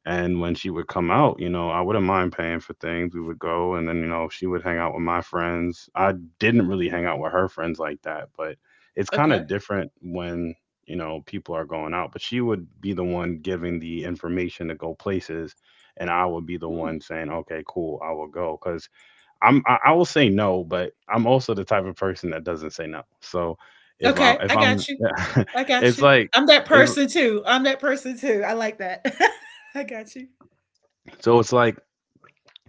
A: And when she would come out, you know, I wouldn't mind paying for things. We would go, and then, you know, she would hang out with my friends. I didn't really hang out with her friends like that, but it's kind
B: Okay.
A: of different when, you know, people are going out. But she would be the one giving the information to go places, and I would be the
B: Hmm.
A: one saying, "Okay, cool, I will go." Because I'm, I will say no, but I'm also the type of person that doesn't say no. So, if I,
B: Okay.
A: if
B: I
A: I'm,
B: got you.
A: <laughs>
B: I got
A: it's
B: you.
A: like,
B: I'm that
A: it's,
B: person too. I'm that person too. I like that. <laughs> I got you.
A: so it's like,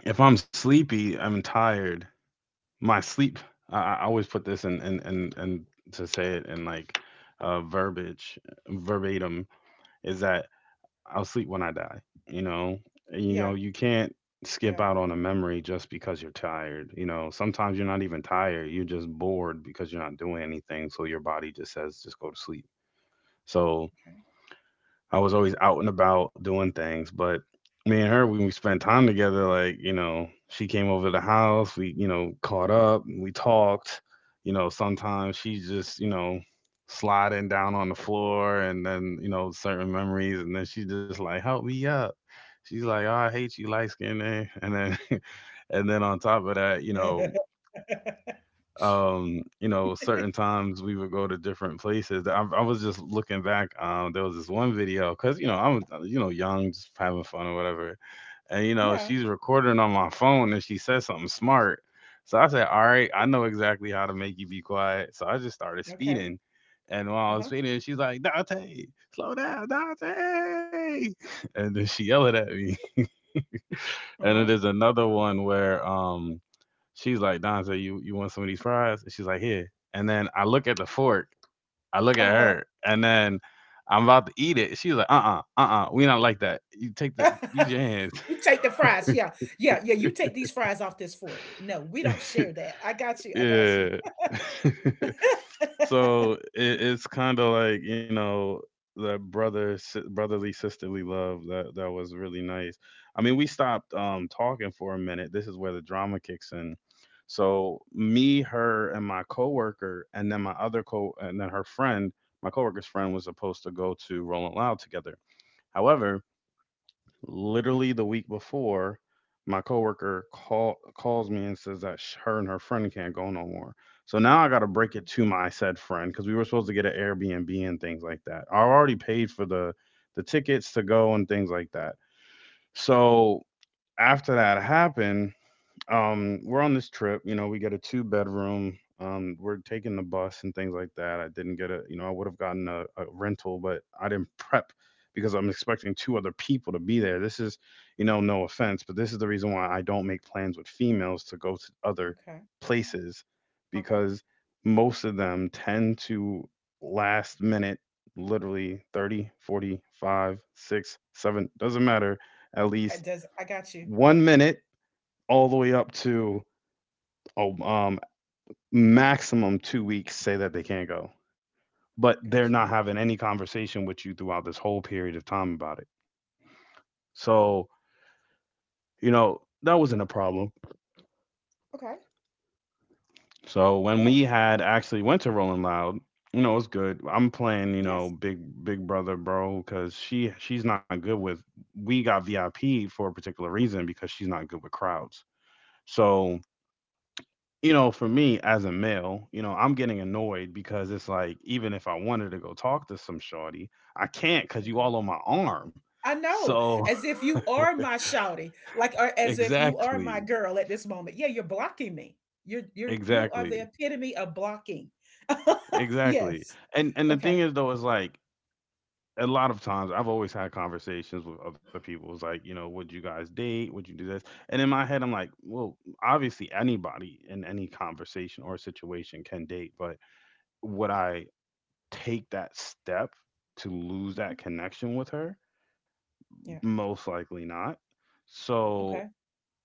A: if I'm sleepy, I'm tired, my sleep, I always put this in, and, to say it in like verbiage, verbatim, is that I'll sleep when I die, you know. And, you
B: Yeah.
A: know, you can't skip
B: Yeah.
A: out on a memory just because you're tired. You know, sometimes you're not even tired, you're just bored because you're not doing anything, so your body just says just go to sleep. So I was always out and about doing things, but me and her, when we spent time together, like, you know, she came over to the house, we, you know, caught up, we talked, you know, sometimes she just, you know, sliding down on the floor and then, you know, certain memories, and then she's just like, "Help me up." She's like, "Oh, I hate you, light skin." And then <laughs> and then on top of that, you know,
B: Okay.
A: you know, certain times we would go to different places. I was just looking back, there was this one video, because, you know, I'm, you know, young, just having fun or whatever, and, you know,
B: <laughs> Yeah.
A: she's recording on my phone and she said something smart, so I said, "All right, I know exactly how to make you be quiet." So I just started
B: Okay.
A: speeding. And
B: Uh
A: while I was
B: huh.
A: speeding, she's like, "Dante, slow down, Dante." <laughs> And then she yelled at me. <laughs>
B: Uh
A: And then
B: huh.
A: there's another one where she's like, "Donze, you want some of these fries?" And she's like, "Here." And then I look at the fork. I look at
B: Uh
A: her. And then I'm about to eat it. She's like, "Uh-uh, uh-uh. We not like that. You take the,
B: huh.
A: use your hands."
B: <laughs> You take the fries. Yeah. Yeah. Yeah. You take these fries off this fork. No, we don't share that. I got you. I got you.
A: Yeah. <laughs> So it, it's kind of like, you know, that brother, si- brotherly sisterly love, that was really nice. I mean, we stopped talking for a minute. This is where the drama kicks in. So me, her, and my coworker, and then and then her friend, my coworker's friend was supposed to go to Rolling Loud together. However, literally the week before, my coworker calls me and says that her and her friend can't go no more. So now I got to break it
B: <laughs>
A: to my said friend because we were supposed to get an Airbnb and things like that. I already paid for the tickets to go and things like that. So after that happened, we're on this trip. We get a two bedroom. We're taking the bus and things like that. I didn't get a, I would have gotten a rental, but I didn't prep because I'm expecting two other people to be there. This is, no offense, but this is the reason why I don't make plans with females to go to other
B: Okay,
A: places,
B: okay.
A: because most of them tend to last minute, literally 30, 40, five, six, seven, doesn't matter, at
B: It
A: least
B: does, I got you,
A: one minute all the way up to oh, um, maximum 2 weeks say that they can't go, but they're
B: got you.
A: not having any conversation with you throughout this whole period of time about it. So, that wasn't a problem.
B: Okay,
A: So when we
B: yes,
A: had actually went to Rolling Loud, you know, it was good. I'm playing, you know,
B: yes,
A: Big Brother, bro, because she's not good with. We got VIP for a particular reason because she's not good with crowds. So you know, for me as a male, you know, I'm getting annoyed because it's like even if I wanted to go talk to some shorty, I can't because you
B: okay.
A: all on my arm.
B: I know,
A: So
B: as if
A: <laughs>
B: you are my shouty, like, or as if you are
A: exactly,
B: my girl at this moment. Yeah, you're blocking me. You're, you are the
A: exactly,
B: epitome of blocking. <laughs>
A: exactly.
B: Yes,
A: And the
B: okay.
A: thing is though is like a lot of times I've always had conversations with other people. It's like, you know, would you guys date? Would you do this? And in my head, I'm like, well, obviously anybody in any conversation or situation can date, but would I take that step to lose
B: Mhm.
A: that connection with her?
B: Yeah,
A: Most likely not. So
B: okay.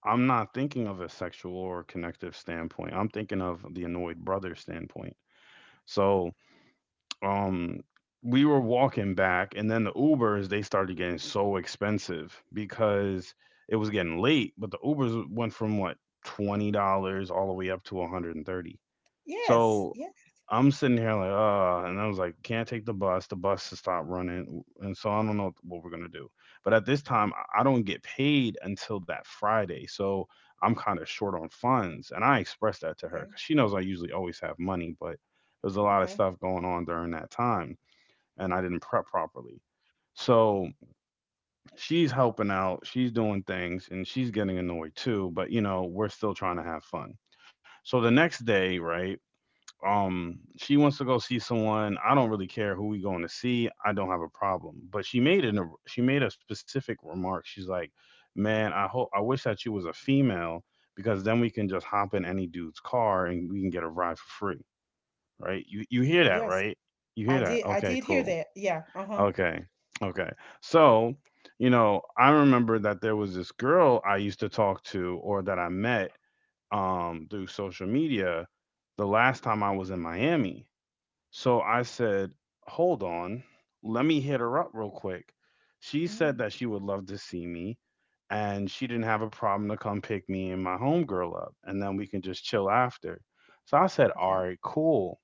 A: I'm not thinking of a sexual or connective standpoint. I'm thinking of the annoyed brother standpoint. So um we were walking back and then the Ubers they started getting so expensive because it was getting late, but the Ubers went from what $20 all the way up to 130.
B: Yes,
A: So
B: yeah,
A: I'm sitting here like, and I was like, can't take the bus. The bus has stopped running. And so I don't know what we're going to do. But at this time, I don't get paid until that Friday. So I'm kind of short on funds. And I expressed that to her
B: okay,
A: because she knows I usually always have money, but there's a lot of
B: okay.
A: stuff going on during that time. And I didn't prep properly. So she's helping out, she's doing things, and she's getting annoyed too. But, you know, we're still trying to have fun. So the next day, right? She wants to go see someone. I don't really care who we going to see, I don't have a problem, but she made a specific remark. She's like, man, I hope, I wish that you was a female, because then we can just hop in any dude's car and we can get a ride for free. Right? You hear that,
B: Yes,
A: right? You hear
B: I
A: that?
B: did, I
A: Okay,
B: did hear
A: cool.
B: that. Yeah, uh-huh.
A: Okay. Okay. So you know, I remember that there was this girl I used to talk to, or that I met through social media the last time I was in Miami. So I said, hold on, let me hit her up real quick. She said
B: Mm,
A: that she would love to see me, and she didn't have a problem to come pick me and my homegirl up, and then we can just chill after. So I said,
B: okay.
A: all right, cool.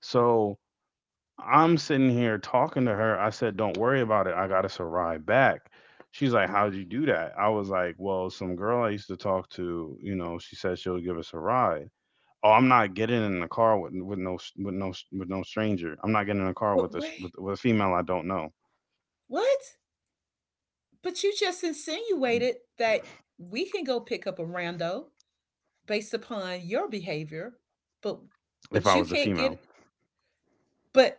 A: So I'm sitting here talking to her. I said, don't worry about it. I got us a ride back. She's like, how'd you do that? I was like, well, some girl I used to talk to, you know, she said she'll give us a ride. Oh, I'm not getting in a car with no stranger. I'm not getting in a car with
B: But wait,
A: a female I don't know.
B: what? But you just insinuated that we can go pick up a rando based upon your behavior, but
A: If I
B: but
A: was a
B: you can't
A: female,
B: get, but,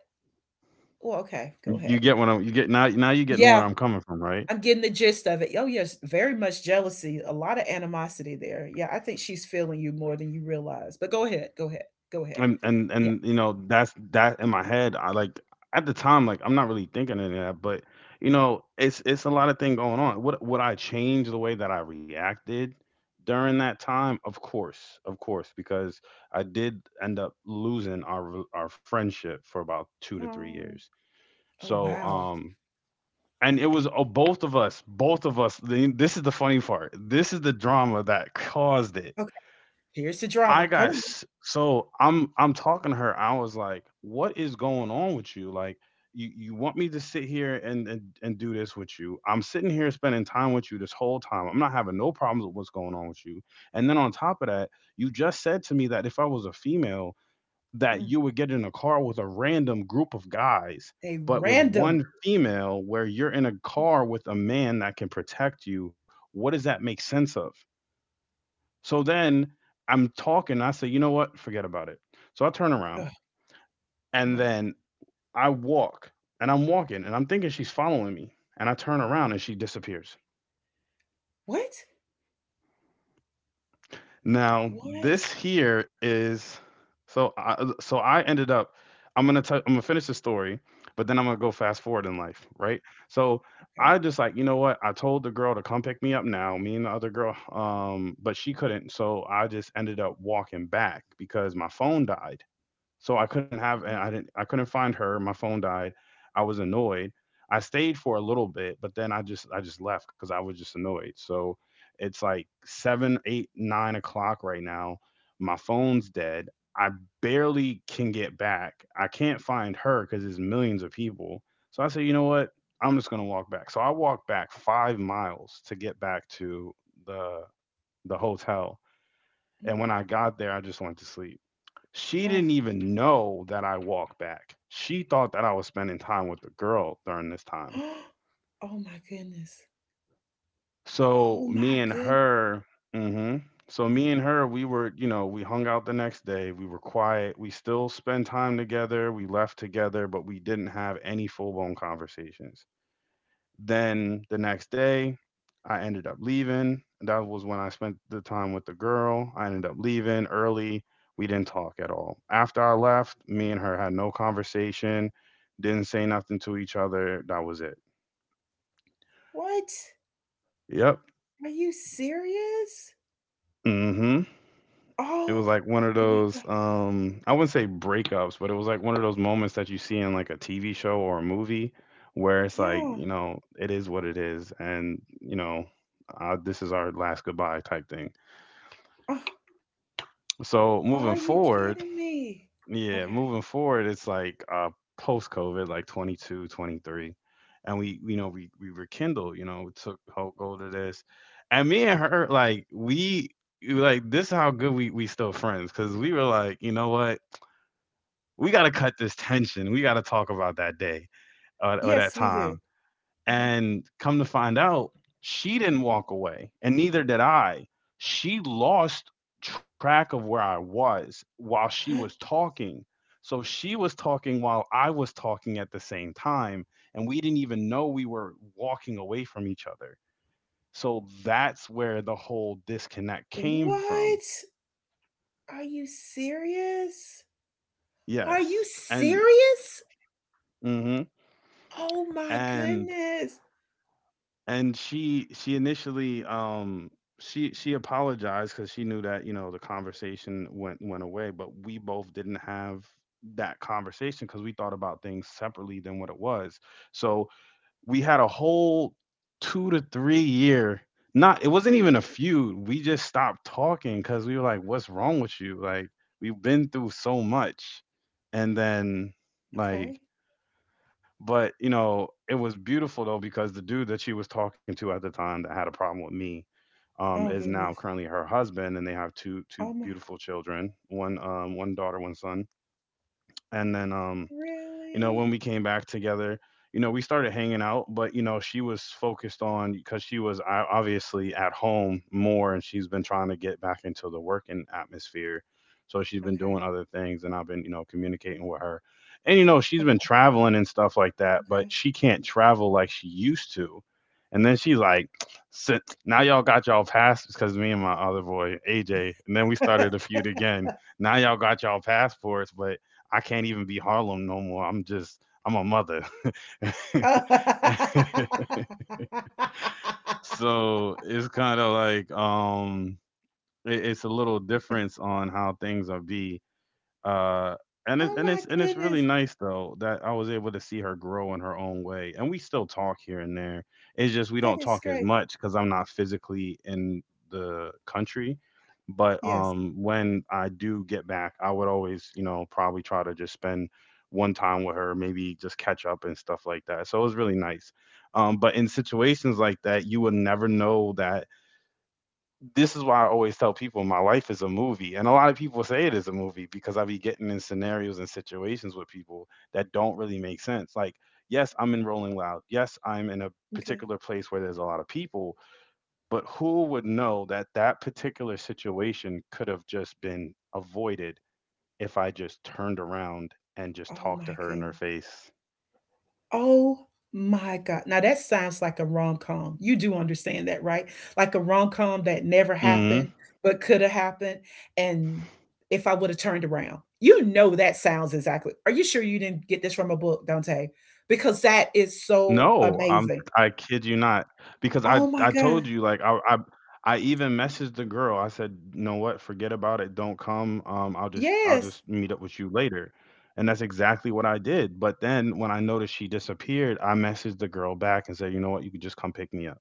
B: well, okay, go ahead.
A: you get now. Now you're getting where
B: Yeah,
A: I'm coming from, right?
B: I'm getting the gist of it. Oh, yes, very much jealousy, a lot of animosity there. Yeah, I think she's feeling you more than you realize. But go ahead, go ahead, go ahead.
A: And and
B: Yeah.
A: and you know that's that in my head. I like at the time, like I'm not really thinking of that, but you know, it's a lot of thing going on. Would I change the way that I reacted during that time? Of course, because I did end up losing our friendship for about two to three
B: Oh,
A: years.
B: oh
A: So,
B: wow.
A: and it was both of us, both of us. This is the funny part. This is the drama that caused it.
B: Here's the drama. Come on.
A: So I'm talking to her. I was like, "What is going on with you? Like, you want me to sit here and do this with you? I'm sitting here spending time with you this whole time. I'm not having no problems with what's going on with you. And then on top of that, you just said to me that if I was a female." That
B: Mm.
A: you would get in a car with a random group of guys,
B: A
A: but with
B: random.
A: one female where you're in a car with a man that can protect you, what does that make sense of? So then I'm talking, I say, you know what? Forget about it. So I turn
B: Ugh,
A: around, and
B: uh-huh.
A: then I walk, and I'm walking and I'm thinking she's following me. And I turn around and she disappears.
B: What?
A: Now,
B: What?
A: this here is, so I ended up, I'm going to finish the story, but then I'm going to go fast forward in life, right? So
B: Okay.
A: I just like, you know what? I told the girl to come pick me up. Now, me and the other girl, but she couldn't. So I just ended up walking back because my phone died. So I couldn't have,
B: Mhm,
A: I couldn't find her. My phone died. I was annoyed. I stayed for a little bit, but then I just left because I was just annoyed. So it's like seven, eight, 9 o'clock right now. My phone's dead. I barely can get back. I can't find her because there's millions of people. So I said, you know what? I'm just gonna walk back. So I walked back 5 miles to get back to the the hotel.
B: mhm.
A: And when I got there, I just went to sleep. She
B: Ugh.
A: didn't even know that I walked back. She thought that I was spending time with the girl during this time.
B: <gasps> Oh my goodness.
A: So
B: Oh my
A: me and
B: goodness.
A: her, hmm so me and her, we were, you know, we hung out the next day. We were quiet. We still spent time together. We left together, but we didn't have any full blown conversations. Then the next day, I ended up leaving. That was when I spent the time with the girl. I ended up leaving early. We didn't talk at all. After I left, me and her had no conversation, didn't say nothing to each other. That was it.
B: What?
A: Yep.
B: Are you serious?
A: hmm It was
B: Oh
A: like one of
B: my God.
A: those, I wouldn't say breakups, but it was like one of those moments that you see in like a TV show or a movie where it's like,
B: Yeah.
A: you know, it is what it is. And, you know, this is our last goodbye type thing.
B: Uh,
A: So moving
B: are you
A: forward,
B: kidding me?
A: yeah,
B: Okay.
A: moving forward, it's like post COVID, like '22, '23. And we, you know, we rekindled. You know, we took hold of this. And me and her, like, we, like this is how good we, still friends, because we were like, you know what? We gotta cut this tension. We gotta talk about that day, or that
B: Yes, we do.
A: time.
B: Uh-huh.
A: And come to find out, she didn't walk away, and neither did I. She lost track of where I was while she was talking. So she was talking while I was talking at the same time, and we didn't even know we were walking away from each other. So that's where the whole disconnect
B: <gasps>
A: came from.
B: What? Are you serious? Are you
A: Yes. And
B: serious?
A: mhm.
B: Oh my
A: and
B: goodness.
A: And she initially, she apologized because she knew that, you know, the conversation went away, but we both didn't have that conversation because we thought about things separately than what it was. So, we had a whole 2 to 3 year, not, it wasn't even a feud. We just stopped talking because we were like, "What's wrong with you?" Like, we've been through so much, and then,
B: Okay.
A: like but you know, it was beautiful though because the dude that she was talking to at the time that had a problem with me
B: Oh
A: is now
B: goodness.
A: currently her husband, and they have two
B: Oh my,
A: beautiful children, one one daughter, one son, and then you know,
B: really?
A: when we came back together, you know, we started hanging out, but you know, she was focused on because she was obviously at home more, and she's been trying to get back into the working atmosphere. So she's been
B: Okay.
A: doing other things, and I've been, you know, communicating with her, and you know, she's
B: O,
A: been traveling and stuff like that, but she can't travel like she used to. And then she's like, "Sit- now y'all got y'all passports because me and my other boy AJ," and then we
B: okay.
A: started a
B: <laughs>
A: feud again. Now y'all got y'all passports, but I can't even be Harlem no more. I'm just I'm a mother. <laughs>
B: Oh, <laughs>
A: So it's kind of like, it's a little difference on how things are be uh, and it's
B: Oh,
A: and
B: my
A: it's and it's really
B: goodness.
A: nice though that I was able to see her grow in her own way, and we still talk here and there. It's just, we
B: That
A: don't
B: is
A: talk as
B: great.
A: much because I'm not physically in the country. But
B: Yes.
A: when I do get back, I would always, you know, probably try to just spend one time with her, maybe just catch up and stuff like that. So it was really nice. But in situations like that, you would never know that, this is why I always tell people my life is a movie. And a lot of people say it is a movie because I be getting in scenarios and situations with people that don't really make sense. Like, yes, I'm in Rolling Loud. Yes, I'm in a
B: Okay.
A: particular place where there's a lot of people, but who would know that that particular situation could have just been avoided if I just turned around and just
B: Oh
A: talked to
B: my
A: her in her
B: goodness.
A: face?
B: Oh my God. Now that sounds like a rom-com. You do understand that, right? Like a rom-com that
A: Mm-hmm.
B: never happened, but could have happened. And if I would have turned around, you know, that sounds exactly. Are you sure you didn't get this from a book, Dante? Because that is so
A: No, I'm,
B: amazing.
A: I kid you not, because I
B: Oh my
A: I
B: God.
A: told you, like I even messaged the girl. I said, "You know what? Forget about it. Don't come. I'll just I'll
B: Yes.
A: just meet up with you later." And that's exactly what I did. But then when I noticed she disappeared, I messaged the girl back and said, "You know what? You could just come pick me up."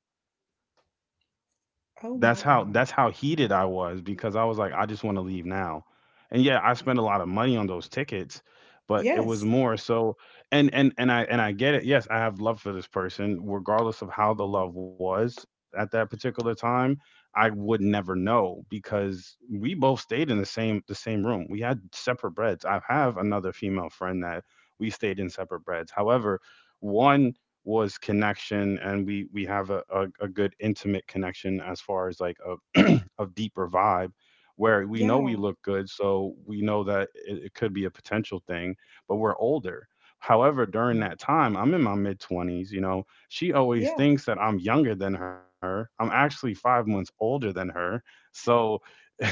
B: Oh
A: That's
B: my
A: how
B: God.
A: that's how heated I was because I was like, I just want to leave now. And yeah, I spent a lot of money on those tickets, but it was
B: Yes.
A: more so, and I get it. Yes, I have love for this person, regardless of how the
B: Mhm.
A: love was at that particular time. I would never know because we both stayed in the same room. We had separate beds. I have another female friend that we stayed in separate beds. However, one was connection, and we have a good intimate connection, as far as like <clears throat> a deeper vibe, where we know we
B: Yeah.
A: look good, so we know that it could be a potential thing, but we're older. However, during
B: Yeah.
A: that time, I'm in my mid 20s, you know. She always
B: Yeah.
A: thinks that I'm younger than her. I'm actually 5 months older than her. So <laughs>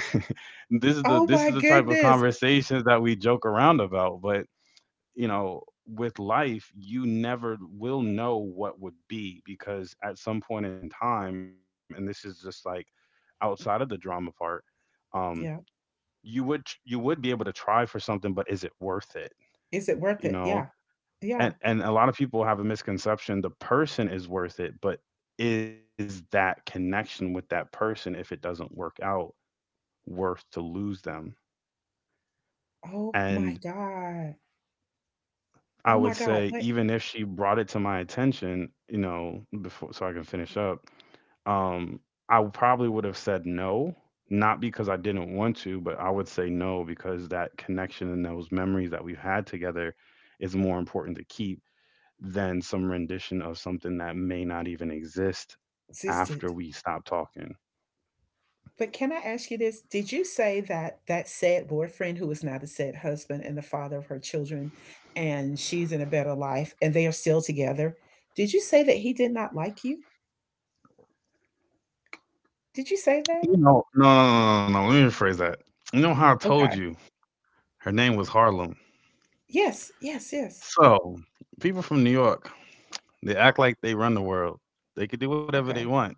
A: this is the,
B: Oh
A: this is
B: my
A: the type of
B: goodness.
A: conversations that we joke around about. But you know, with life, you never will know what would be, because at some point in time, and this is just like outside of the drama part, um,
B: Yeah.
A: you would be able to try for something, but is it worth it?
B: Is it worth
A: You
B: it?
A: know,
B: Yeah. Yeah.
A: and a lot of people have a misconception: the person is worth it, but is that connection with that person, if it doesn't work out, worth to lose them?
B: Oh
A: And
B: my God.
A: I
B: Oh
A: would
B: my God.
A: say,
B: Wait.
A: even if she brought it to my attention, you know, before, so I can finish up, Um, I probably would have said no, not because I didn't want to, but I would say no because that connection and those memories that we've had together is more important to keep than some rendition of something that may not even exist after
B: Existed.
A: we stop talking.
B: But can I ask you this? Did you say that that sad boyfriend, who is now the sad husband and the father of her children, and she's in a better life and they are still together? Did you say that he did not like you? Did you say that?
A: You know, no, no, no, no, no. Let me rephrase that. You know how I told
B: Okay.
A: you her name was Harlem.
B: Yes, yes, yes.
A: So people from New York, they act like they run the world. They could do whatever they
B: Okay.
A: want.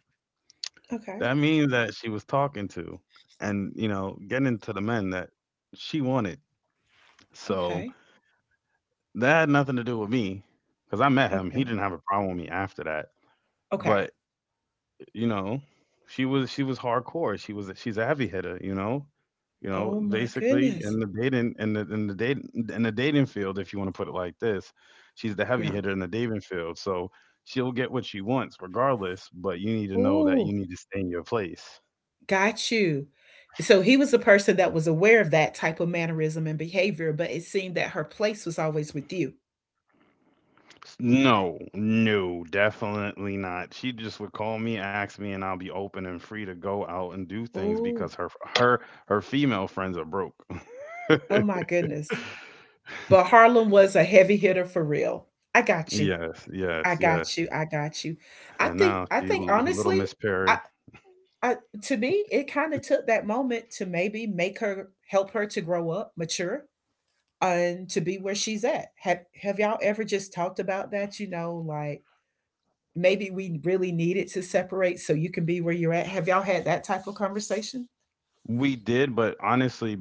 B: Okay.
A: That means that she was talking to, and you know, getting to the men that she wanted. So
B: Okay.
A: that had nothing to do with me because I met him. He
B: Okay.
A: didn't have a problem with me after that.
B: Okay.
A: But you know, she was hardcore. She's a heavy hitter, you know. You know,
B: Oh my
A: basically
B: goodness.
A: in the dating field, if you want to put it like this, she's the heavy
B: Yeah.
A: hitter in the dating field. So she'll get what she wants regardless, but you need to know that
B: Ooh,
A: you need to stay in your place.
B: got you. So he was a person that was aware of that type of mannerism and behavior, but it seemed that her place was always with you.
A: No, no, definitely not. She just would call me, ask me, and I'll be open and free to go out and do things
B: Ooh.
A: because her her female friends are broke. <laughs>
B: Oh my goodness. But Harlem was a heavy hitter for real. I got you.
A: Yes,
B: I
A: yes,
B: got
A: yes.
B: you. I got you. I
A: And
B: think,
A: now
B: I
A: she
B: think
A: little
B: honestly,
A: Miss
B: I,
A: Perry.
B: I, to me, it kind of took that moment to maybe make her, help her to grow up, mature, and to be where she's at. Have y'all ever just talked about that, you know, like maybe we really needed to separate so you can be where you're at? Have y'all had that type of conversation?
A: We did, but honestly,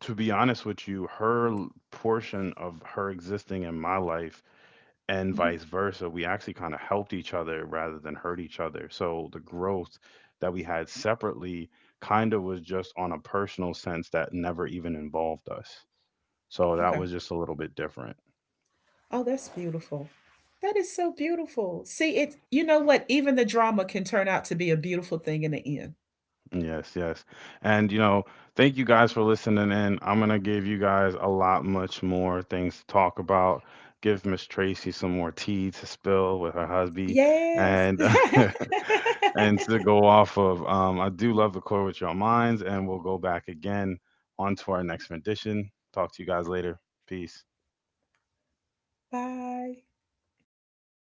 A: to be honest with you, her portion of her existing in my life and
B: Hmm.
A: vice versa, we actually kind of helped each other rather than hurt each other. So the growth that we had separately kind of was just on a personal sense that never even involved us. So that
B: Okay.
A: was just a little bit different.
B: Oh, that's beautiful. That is so beautiful. See, it, you know what? Even the drama can turn out to be a beautiful thing in the end.
A: Yes, yes. And you know, thank you guys for listening in. I'm gonna give you guys a lot much more things to talk about. Give Miss Tracy some more tea to spill with her husband,
B: Yes.
A: and
B: <laughs>
A: <laughs> and to go off of. I do love the core with your minds, and we'll go back again onto our next rendition. Talk to you guys later. Peace.
B: Bye.